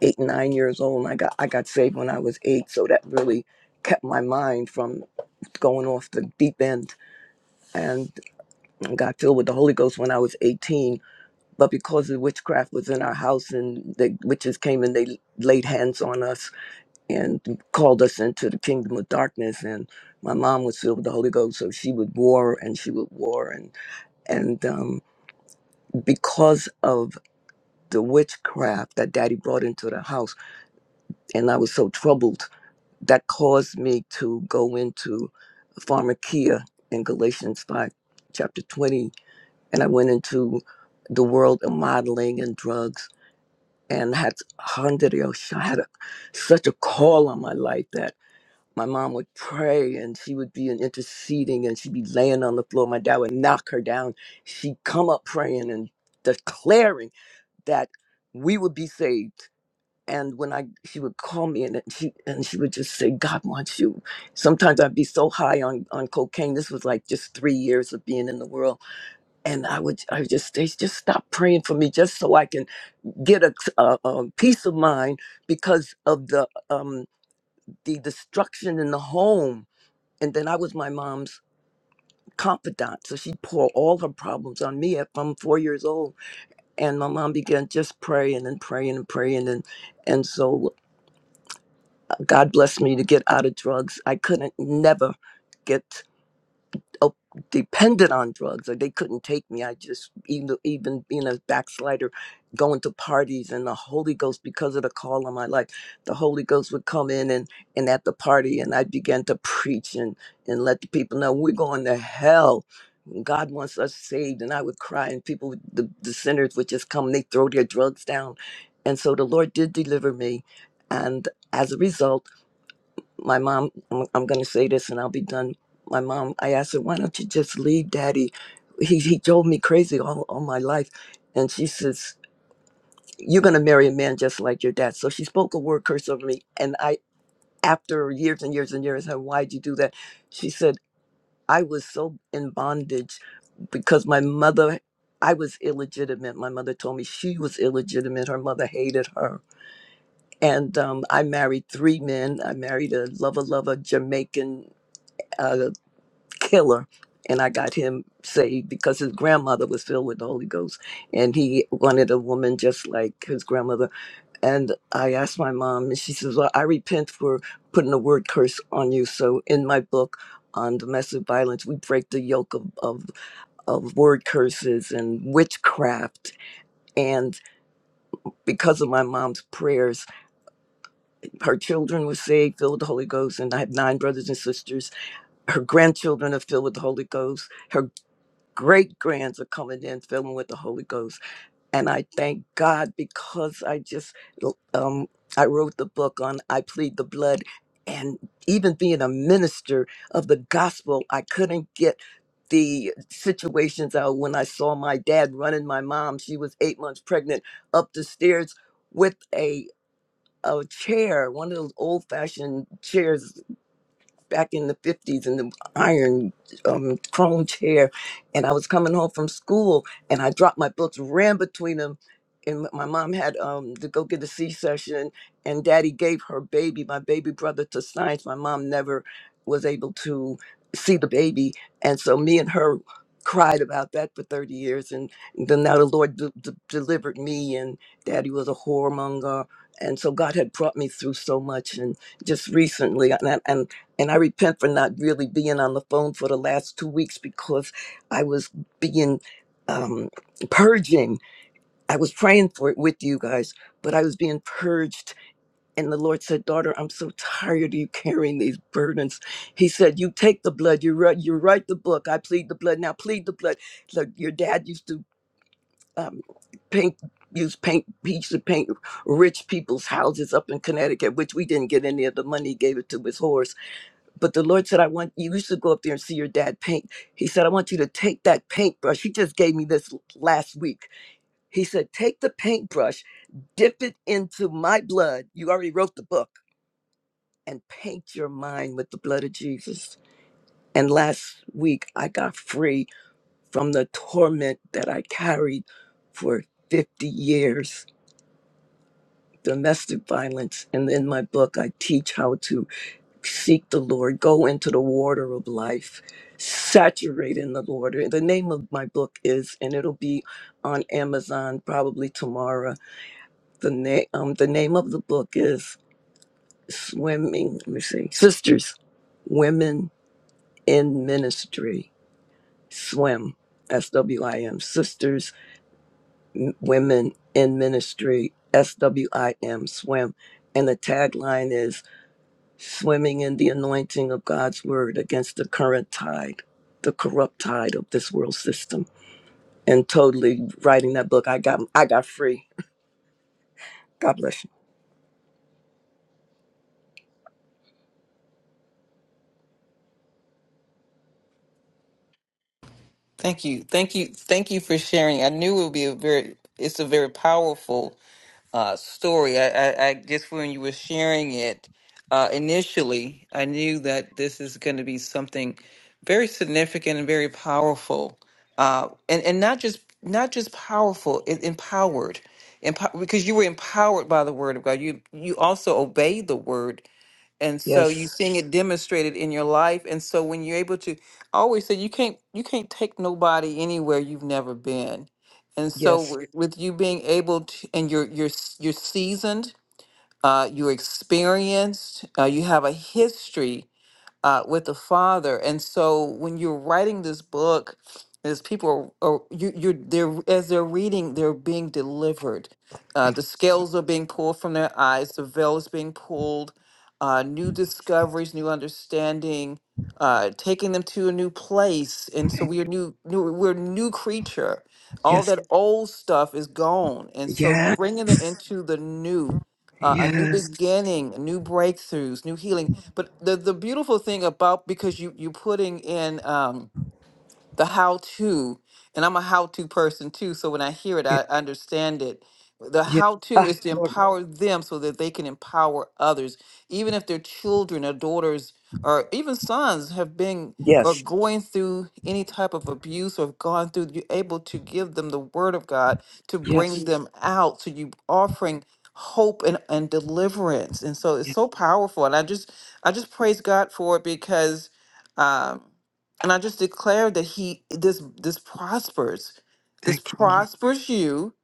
[SPEAKER 3] eight and nine years old. And I got I got saved when I was eight, so that really kept my mind from going off the deep end and got filled with the Holy Ghost when I was 18. But because the witchcraft was in our house and the witches came and they laid hands on us and called us into the kingdom of darkness, and my mom was filled with the Holy Ghost, so she would war and she would war and and um, because of the witchcraft that Daddy brought into the house, and I was so troubled, that caused me to go into pharmakia in Galatians five, chapter 20 and I went into the world of modeling and drugs and had hundred years I had a, such a call on my life that my mom would pray and she would be in interceding and she'd be laying on the floor. My dad would knock her down. She'd come up praying and declaring that we would be saved. And when I she would call me and she and she would just say, God wants you. Sometimes I'd be so high on, on cocaine. This was like just three years of being in the world and I would I would just they just stop praying for me just so I can get a, a, um, peace of mind because of the um the destruction in the home and then I was my mom's confidant so she'd pour all her problems on me at from four years old and my mom began just praying and praying and praying and and so uh, God blessed me to get out of drugs I couldn't never get oh, dependent on drugs or they couldn't take me i just even even being a backslider going to parties and the holy ghost because of the call on my life the holy ghost would come in and and at the party and i began to preach and and let the people know we're going to hell god wants us saved and i would cry and people would- the, the sinners would just come and they throw their drugs down and so the lord did deliver me and as a result my mom i'm, I'm going to say this and i'll be done my mom i asked her why don't you just leave daddy he, he drove me crazy all, all my life and she says you're going to marry a man just like your dad so she spoke a word curse over me and i after years and years and years I said, why'd you do that she said i was so in bondage because my mother i was illegitimate my mother told me she was illegitimate her mother hated her and um, i married three men i married a lover lover jamaican uh, killer and i got him saved because his grandmother was filled with the holy ghost and he wanted a woman just like his grandmother and i asked my mom and she says well i repent for putting the word curse on you so in my book on domestic violence we break the yoke of, of, of word curses and witchcraft and because of my mom's prayers her children were saved filled with the holy ghost and i have nine brothers and sisters her grandchildren are filled with the holy ghost Her great grands are coming in filling with the holy ghost and i thank god because i just um i wrote the book on i plead the blood and even being a minister of the gospel i couldn't get the situations out when i saw my dad running my mom she was eight months pregnant up the stairs with a a chair one of those old fashioned chairs back in the 50s in the iron um, chrome chair. And I was coming home from school and I dropped my books, ran between them. And my mom had um, to go get a C C-section, and daddy gave her baby, my baby brother, to science. My mom never was able to see the baby. And so me and her cried about that for 30 years. And then now the Lord de- de- delivered me, and daddy was a whoremonger. And so God had brought me through so much. And just recently. and. I- and and I repent for not really being on the phone for the last two weeks because I was being um, purging. I was praying for it with you guys, but I was being purged. And the Lord said, Daughter, I'm so tired of you carrying these burdens. He said, You take the blood, you write, you write the book. I plead the blood. Now plead the blood. Look, your dad used to um, paint. Use paint, he used to paint rich people's houses up in Connecticut, which we didn't get any of the money. He gave it to his horse but the Lord said, I want you used to go up there and see your dad paint. He said, I want you to take that paintbrush. He just gave me this l- last week. He said, Take the paintbrush, dip it into my blood. You already wrote the book, and paint your mind with the blood of Jesus. And last week, I got free from the torment that I carried for 50 years domestic violence. And in my book, I teach how to seek the Lord, go into the water of life, saturate in the Lord. The name of my book is, and it'll be on Amazon probably tomorrow. The name, um, the name of the book is Swimming. Let me see, Sisters, Women in Ministry, Swim, S W I M, Sisters, M- Women in Ministry, S W I M, Swim, and the tagline is. swimming in the anointing of God's word against the current tide, the corrupt tide of this world system, and totally writing that book. I got I got free. God bless you.
[SPEAKER 2] Thank you. Thank you. Thank you for sharing. I knew it would be a very, it's a very powerful uh, story. I, I, I just when you were sharing it uh, initially, I knew that this is going to be something very significant and very powerful. Uh, and, and not just, not just powerful, it, empowered. Empo- because you were empowered by the word of God. You, you also obeyed the word and so you're
[SPEAKER 3] Yes,
[SPEAKER 2] seeing it demonstrated in your life and so when you're able to I always say you can't you can't take nobody anywhere you've never been and so
[SPEAKER 3] yes,
[SPEAKER 2] w- with you being able to and you're you're s- you're seasoned uh, you're experienced uh, you have a history uh, with the Father. And so when you're writing this book, as people are, are you, you're they're as they're reading, they're being delivered. Uh, the scales are being pulled from their eyes. The veil is being pulled. Uh, new discoveries, new understanding, uh, taking them to a new place. And so we are new, new we're a new creature. All
[SPEAKER 3] yes,
[SPEAKER 2] that old stuff is gone, and so you're
[SPEAKER 3] yeah,
[SPEAKER 2] bringing them into the new, uh, a new
[SPEAKER 3] yes,
[SPEAKER 2] beginning, new breakthroughs, new healing but the the beautiful thing about because you you putting in um, the how to, and I'm a how to person too. So when I hear it,
[SPEAKER 3] yeah,
[SPEAKER 2] I understand it. The
[SPEAKER 3] yeah.
[SPEAKER 2] how to
[SPEAKER 3] Ah,
[SPEAKER 2] is to
[SPEAKER 3] glory.
[SPEAKER 2] empower them so that they can empower others, even if their children or daughters or even sons have been or
[SPEAKER 3] Yes,
[SPEAKER 2] going through any type of abuse or have gone through, you're able to give them the word of God to bring
[SPEAKER 3] yes,
[SPEAKER 2] Mhm. them out. So you offering hope and, and deliverance. And so it's
[SPEAKER 3] yeah.
[SPEAKER 2] so powerful. And I just I just praise God for it because um, and I just declare that he this this prospers. This
[SPEAKER 3] Thank you, Lord.
[SPEAKER 2] prospers you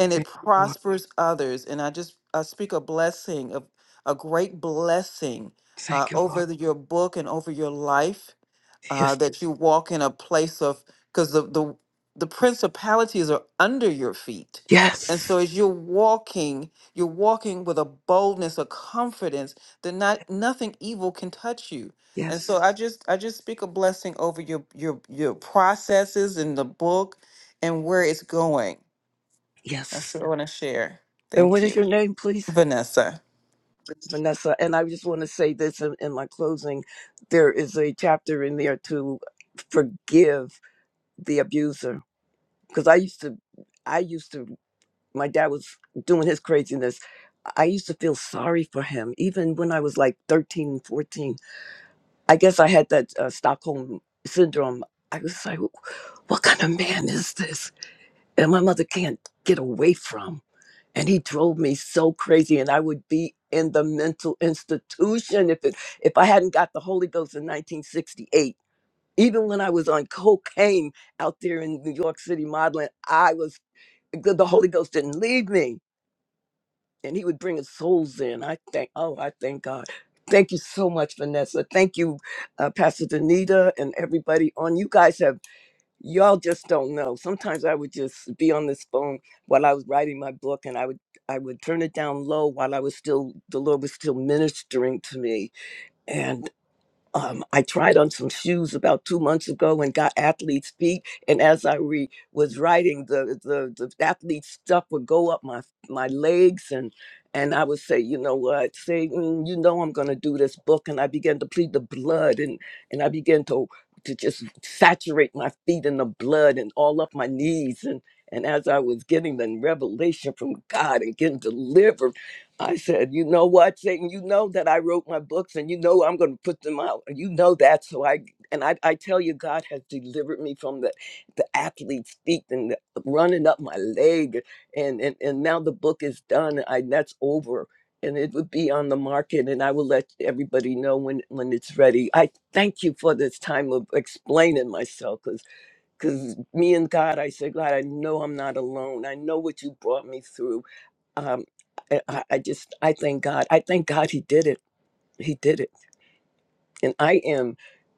[SPEAKER 2] and it
[SPEAKER 3] Thank you, Lord.
[SPEAKER 2] prospers others. And I just I speak a blessing of a great blessing uh,
[SPEAKER 3] Thank you, Lord.
[SPEAKER 2] over the- your book and over your life uh,
[SPEAKER 3] Yes,
[SPEAKER 2] that you walk in a place of because the, the the principalities are under your feet and
[SPEAKER 3] yes,
[SPEAKER 2] so as you're walking you're walking with a boldness a confidence that not nothing evil can touch you and
[SPEAKER 3] yes,
[SPEAKER 2] so i just i just speak a blessing over your your your processes in the book and where it's going that's
[SPEAKER 3] yes.
[SPEAKER 2] what i want to share
[SPEAKER 3] And
[SPEAKER 2] thank
[SPEAKER 3] what is
[SPEAKER 2] you
[SPEAKER 3] your name, please?
[SPEAKER 2] vanessa
[SPEAKER 3] Vanessa. And I just want to say this in, in my closing there is a chapter in there to forgive the abuser. Because I used to, I used to, my dad was doing his craziness. I used to feel sorry for him, even when I was like 13, 14. I guess I had that uh, Stockholm syndrome. I was like, what kind of man is this? And my mother can't get away from and he drove me so crazy and i would be in the mental institution if it if i hadn't got the holy ghost in 1968 even when i was on cocaine out there in new york city modeling i was the, the holy ghost didn't leave me and he would bring his souls in i thank oh i thank god thank you so much vanessa thank you uh, pastor danita and everybody on you guys have y'all just don't know sometimes i would just be on this phone while i was writing my book and i would i would turn it down low while i was still the lord was still ministering to me um, I tried on some shoes about two months ago and got athlete's feet. And as I re- was writing, the, the the athlete stuff would go up my my legs, and and I would say, you know what, say, "Mm, you know, I'm going to do this book, and I began to plead the blood, and and I began to to just saturate my feet in the blood and all up my knees and. And as I was getting the revelation from God and getting deliverance I said, you know what, Satan, you know that I wrote my books and you know I'm going to put them out. and You know that. So I, and I, I tell you, God has delivered me from the, the athlete's feet and the, running up my leg. And, and, and now the book is done. I, that's over. And it would be on the market, and I will let everybody know when, when it's ready. I thank you for this time of explaining myself because because me and God, I said, God, I know I'm not alone. I know what you brought me through um, I, I just I thank God. I thank God He did it. He did it, and I am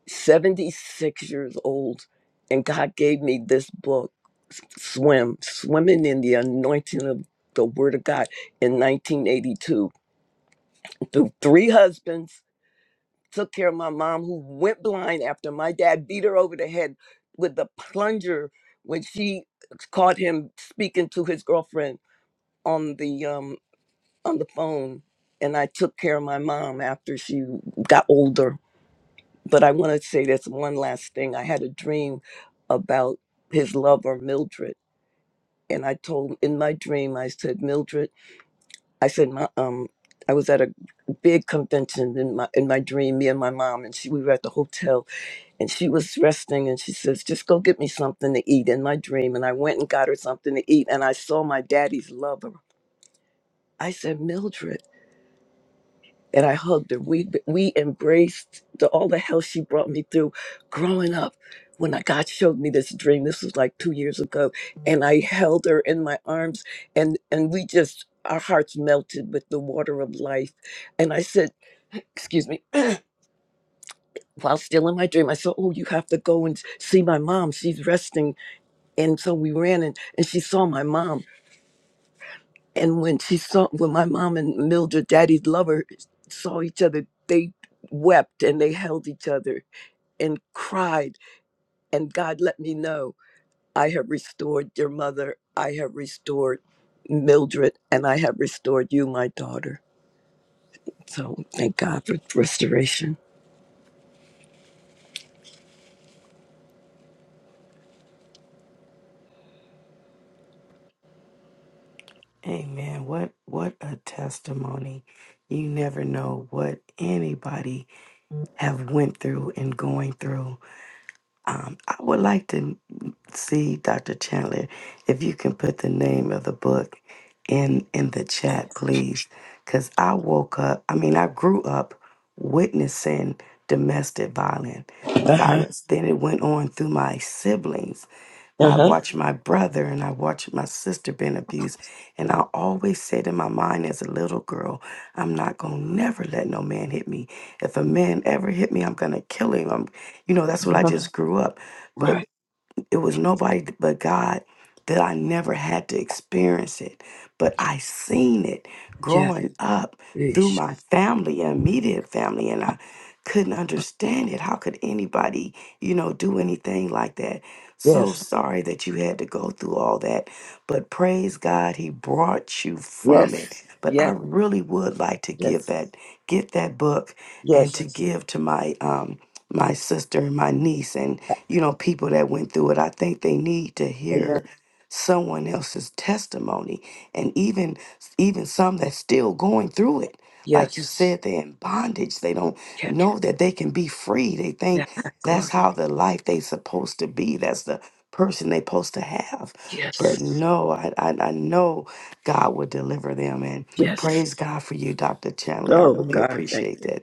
[SPEAKER 3] seventy six years old, and God gave me this book, Swim, Swimming in the Anointing of the Word of God in nineteen eighty two. Through three husbands, took care of my mom who went blind after my dad beat her over the head with the plunger when she caught him speaking to his girlfriend on the um, on the phone and I took care of my mom after she got older. But I want to say this one last thing. I had a dream about his lover, Mildred. And I told in my dream, I said, Mildred, I said, my, um, I was at a big convention in my in my dream, me and my mom, and she we were at the hotel and she was resting and she says, Just go get me something to eat in my dream. And I went and got her something to eat and I saw my daddy's lover. I said, Mildred. and I hugged her. We we embraced the, all the hell she brought me through growing up. When I, God showed me this dream, this was like two years ago, and I held her in my arms, and and we just our hearts melted with the water of life. And I said, "Excuse me," while still in my dream, I said, "Oh, you have to go and see my mom. She's resting." And so we ran, and and she saw my mom, And when she saw, when my mom and Mildred, daddy's lover, saw each other, they wept and they held each other and cried. And God let me know, I have restored your mother. I have restored Mildred and I have restored you, my daughter. So thank God for restoration.
[SPEAKER 4] Amen. What what a testimony. You never know what anybody
[SPEAKER 3] Uh
[SPEAKER 4] have went through and going through. Um, I would like to see Dr. Chandler, if you can put the name of the book in in the chat, please, because I woke up. I mean, I grew up witnessing domestic violence.
[SPEAKER 3] huh.
[SPEAKER 4] Violence. Then it went on through my siblings.
[SPEAKER 3] Uh
[SPEAKER 4] My, I
[SPEAKER 3] huh.
[SPEAKER 4] watched my brother and I watched my sister being abused. And I always said in my mind as a little girl, I'm not going to never let no man hit me. If a man ever hit me, I'm going to kill him. I'm, you know, that's what I
[SPEAKER 3] Uh-huh.
[SPEAKER 4] just grew up. But
[SPEAKER 3] Right.
[SPEAKER 4] it was nobody but God that I never had to experience it, but I seen it
[SPEAKER 3] Yeah.
[SPEAKER 4] growing up through
[SPEAKER 3] Yeesh.
[SPEAKER 4] my family, immediate family, and I couldn't understand it. How could anybody, you know, do anything like that? So
[SPEAKER 3] Yes.
[SPEAKER 4] sorry that you had to go through all that, but praise God, He brought you from
[SPEAKER 3] Yes.
[SPEAKER 4] it. But I
[SPEAKER 3] Yes.
[SPEAKER 4] really would like to give
[SPEAKER 3] Yes.
[SPEAKER 4] that, get that book, and to
[SPEAKER 3] Yes.
[SPEAKER 4] give to my um, my sister and my niece, and you know, people that went through it. I think they need to
[SPEAKER 3] Amen.
[SPEAKER 4] hear someone else's testimony and even even some that's still going through it. Like you
[SPEAKER 3] Yes.
[SPEAKER 4] said, they're in bondage. They don't
[SPEAKER 3] Yeah.
[SPEAKER 4] know that they can be free. They
[SPEAKER 3] Yeah.
[SPEAKER 4] think that's
[SPEAKER 3] Glory.
[SPEAKER 4] how the life they supposed to be. That's the person they supposed to have.
[SPEAKER 3] Yes.
[SPEAKER 4] But no, I, I, I know God will deliver them. And
[SPEAKER 3] Yes.
[SPEAKER 4] praise God for you, Dr. Chandler. I
[SPEAKER 3] Oh
[SPEAKER 4] really
[SPEAKER 3] God, thank.
[SPEAKER 4] appreciate that.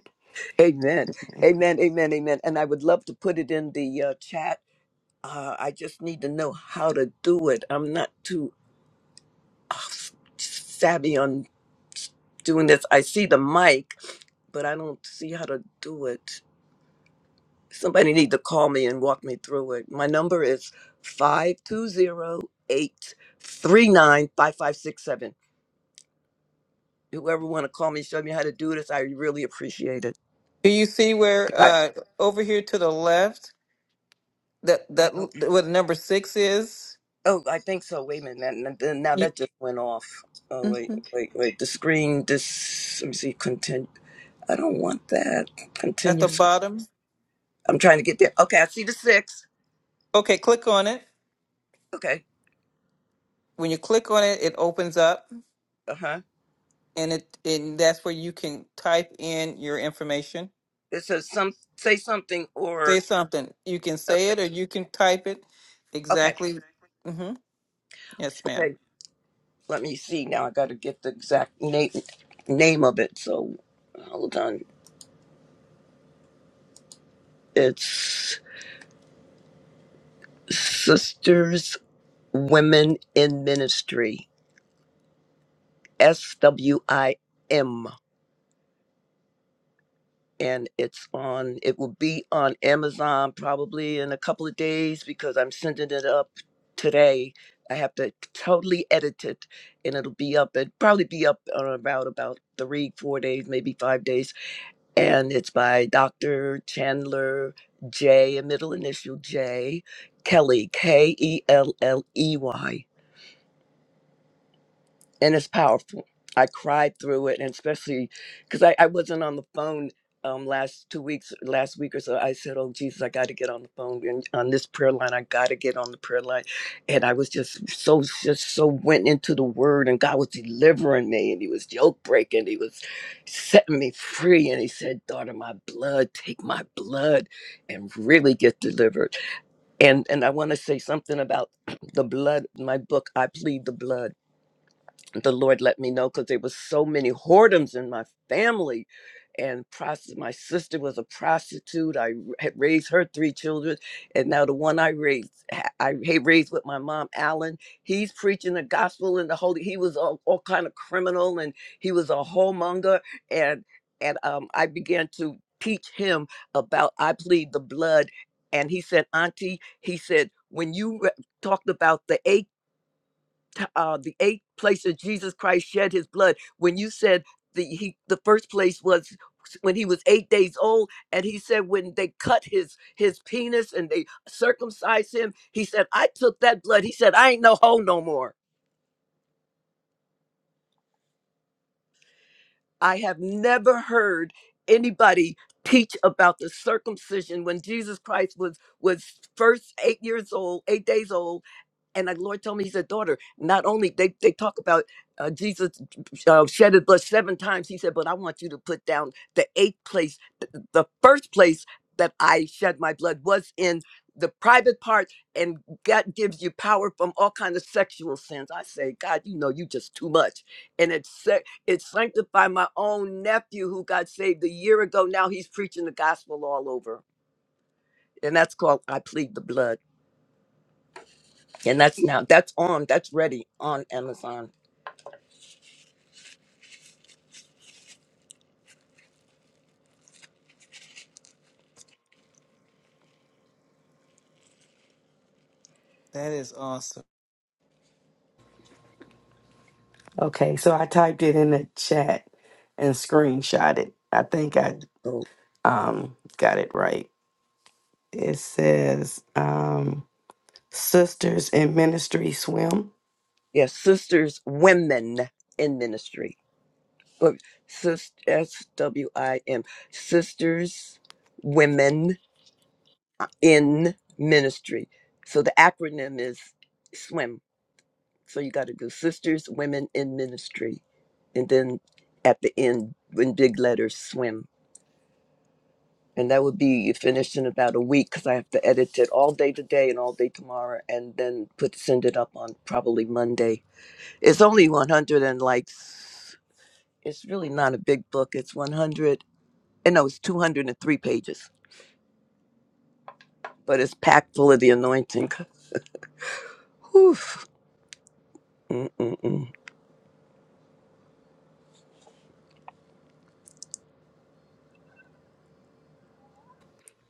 [SPEAKER 3] Amen.
[SPEAKER 4] Yeah.
[SPEAKER 3] Amen. Amen. Amen. And I would love to put it in the uh, chat. Uh, I just need to know how to do it. I'm not too uh, savvy on doing this. I see the mic, but I don't see how to do it. Somebody need to call me and walk me through it. My number is five two zero eight three nine five five six seven. Whoever want to call me, show me how to do this. I really appreciate it.
[SPEAKER 2] do you see where uh over here to the left that that
[SPEAKER 3] I,
[SPEAKER 2] l- where the number six is
[SPEAKER 3] Oh, I think so. Wait a minute. Now, now now that just went off. Oh,
[SPEAKER 2] hmm
[SPEAKER 3] wait, wait, wait. The screen, this, let me see, continue. I don't want that.
[SPEAKER 2] At the
[SPEAKER 3] Continues.
[SPEAKER 2] bottom.
[SPEAKER 3] I'm trying to get there. Okay, I see the six.
[SPEAKER 2] Okay, click on it.
[SPEAKER 3] Okay.
[SPEAKER 2] When you click on it, it opens up
[SPEAKER 3] Uh huh.
[SPEAKER 2] and it and that's where you can type in your information.
[SPEAKER 3] It says some, say something
[SPEAKER 2] Say
[SPEAKER 3] or,
[SPEAKER 2] something. You can say it
[SPEAKER 3] okay.
[SPEAKER 2] or you can type it
[SPEAKER 3] Okay.
[SPEAKER 2] exactly. hmm Yes, ma'am.
[SPEAKER 3] Okay. Let me see now. I got to get the exact name, name of it. So hold on. It's Sisters Women in Ministry, S W I M. and it's on it will be on amazon probably in a couple of days because i'm sending it up today i have to totally edit it and it'll be up it probably be up on about about three four days maybe five days and it's by dr chandler j a middle initial j kelly k-e-l-l-e-y and it's powerful. I cried through it, and especially because I, I wasn't on the phone um, last two weeks, last week or so. I said, "Oh Jesus, I got to get on the phone and on this prayer line. I got to get on the prayer line," and I was just so just so went into the Word, and God was delivering me, and He was yoke breaking, He was setting me free, and He said, "Daughter, my blood, take my blood, and really get delivered." And and I want to say something about the blood. My book, I plead the blood the Lord let me know because there was so many whoredoms in my family, and prosti- my sister was a prostitute. I had raised her three children, and now the one I raised, ha- I had raised with my mom, Alan. He's preaching the gospel and the holy. He was all, all kind of criminal, and he was a homemonger, and and um, I began to teach him about I plead the blood, and he said, Auntie, he said when you re- talked about the AK t- uh, the eight places Jesus Christ shed his blood. When you said the he, the first place was when he was eight days old, and he said when they cut his his penis and they circumcised him, he said I took that blood. He said I ain't no hoe no more. I have never heard anybody teach about the circumcision when Jesus Christ was was first eight years old, eight days old, and the Lord told me, He said, "Daughter, not only they they talk about uh, Jesus uh, shed His blood seven times, He said, but I want you to put down the eighth place, th- the first place that I shed my blood was in." the private part and god gives you power from all kind of sexual sins i say god you know you just too much and it's it sanctified my own nephew who got saved a year ago. Now he's preaching the gospel all over. And that's called I Plead the Blood. And that's now, that's on, that's ready on Amazon.
[SPEAKER 2] That is awesome.
[SPEAKER 4] Okay, so I typed it in the chat and screenshot it. I think I
[SPEAKER 3] So,
[SPEAKER 4] um got it right. It says um Sisters in Ministry Swim.
[SPEAKER 3] yes, Sisters Women in Ministry. But sis, S W I M, Sisters Women in Ministry. So the acronym is SWIM So you got to do Sisters, Women in Ministry. And then at the end, in big letters, swim. And that would be finished in about a week because I have to edit it all day today and all day tomorrow and then put send it up on probably Monday. It's only 100 and like, s- it's really not a big book. It's 100, and no, it's 203 pages, but it's packed full of the anointing. Whew. Mm-mm-mm.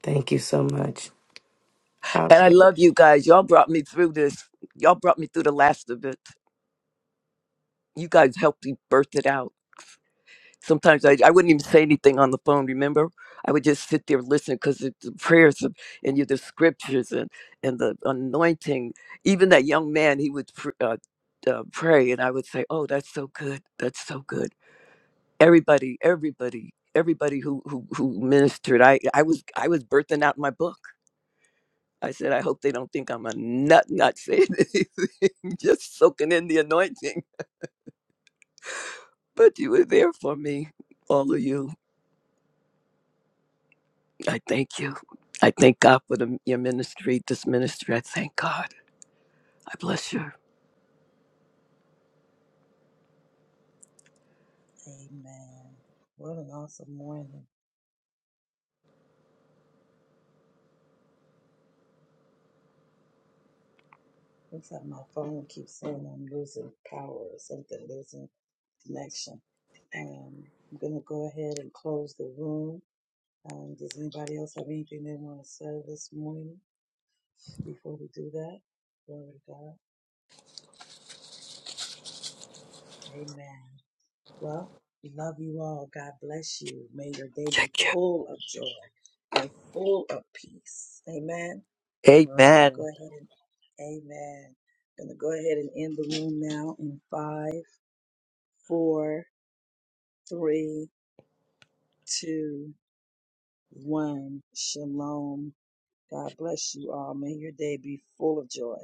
[SPEAKER 4] Thank you so much.
[SPEAKER 3] And I
[SPEAKER 4] Okay.
[SPEAKER 3] love you guys. Y'all brought me through this. Y'all brought me through the last of it. you guys helped me birth it out. Sometimes I, I wouldn't even say anything on the phone, remember? I would just sit there listening because the prayers of, and you, the scriptures and, and the anointing. Even that young man, he would pr- uh, uh, pray, and I would say, Oh, that's so good. That's so good. Everybody, everybody. Everybody who, who who ministered, I I was I was birthing out my book. I said, I hope they don't think I'm a nut, not saying anything, just soaking in the anointing. But you were there for me, all of you. I thank you. I thank God for the, your ministry, this ministry. I thank God. I bless you.
[SPEAKER 1] Amen. What an awesome morning. Looks like my phone keeps saying I'm losing power or something, losing connection. Um, I'm going to go ahead and close the room. Um, does anybody else have anything they want to say this morning before we do that? Glory to God. Amen. Well, we love you all. God bless you. May your day be
[SPEAKER 3] Thank you.
[SPEAKER 1] full of joy and full of peace. Amen. I'm going to go
[SPEAKER 3] Amen.
[SPEAKER 1] ahead and, amen. I'm going to go ahead and end the room now in five, four, three, two, one. Shalom. God bless you all. May your day be full of joy.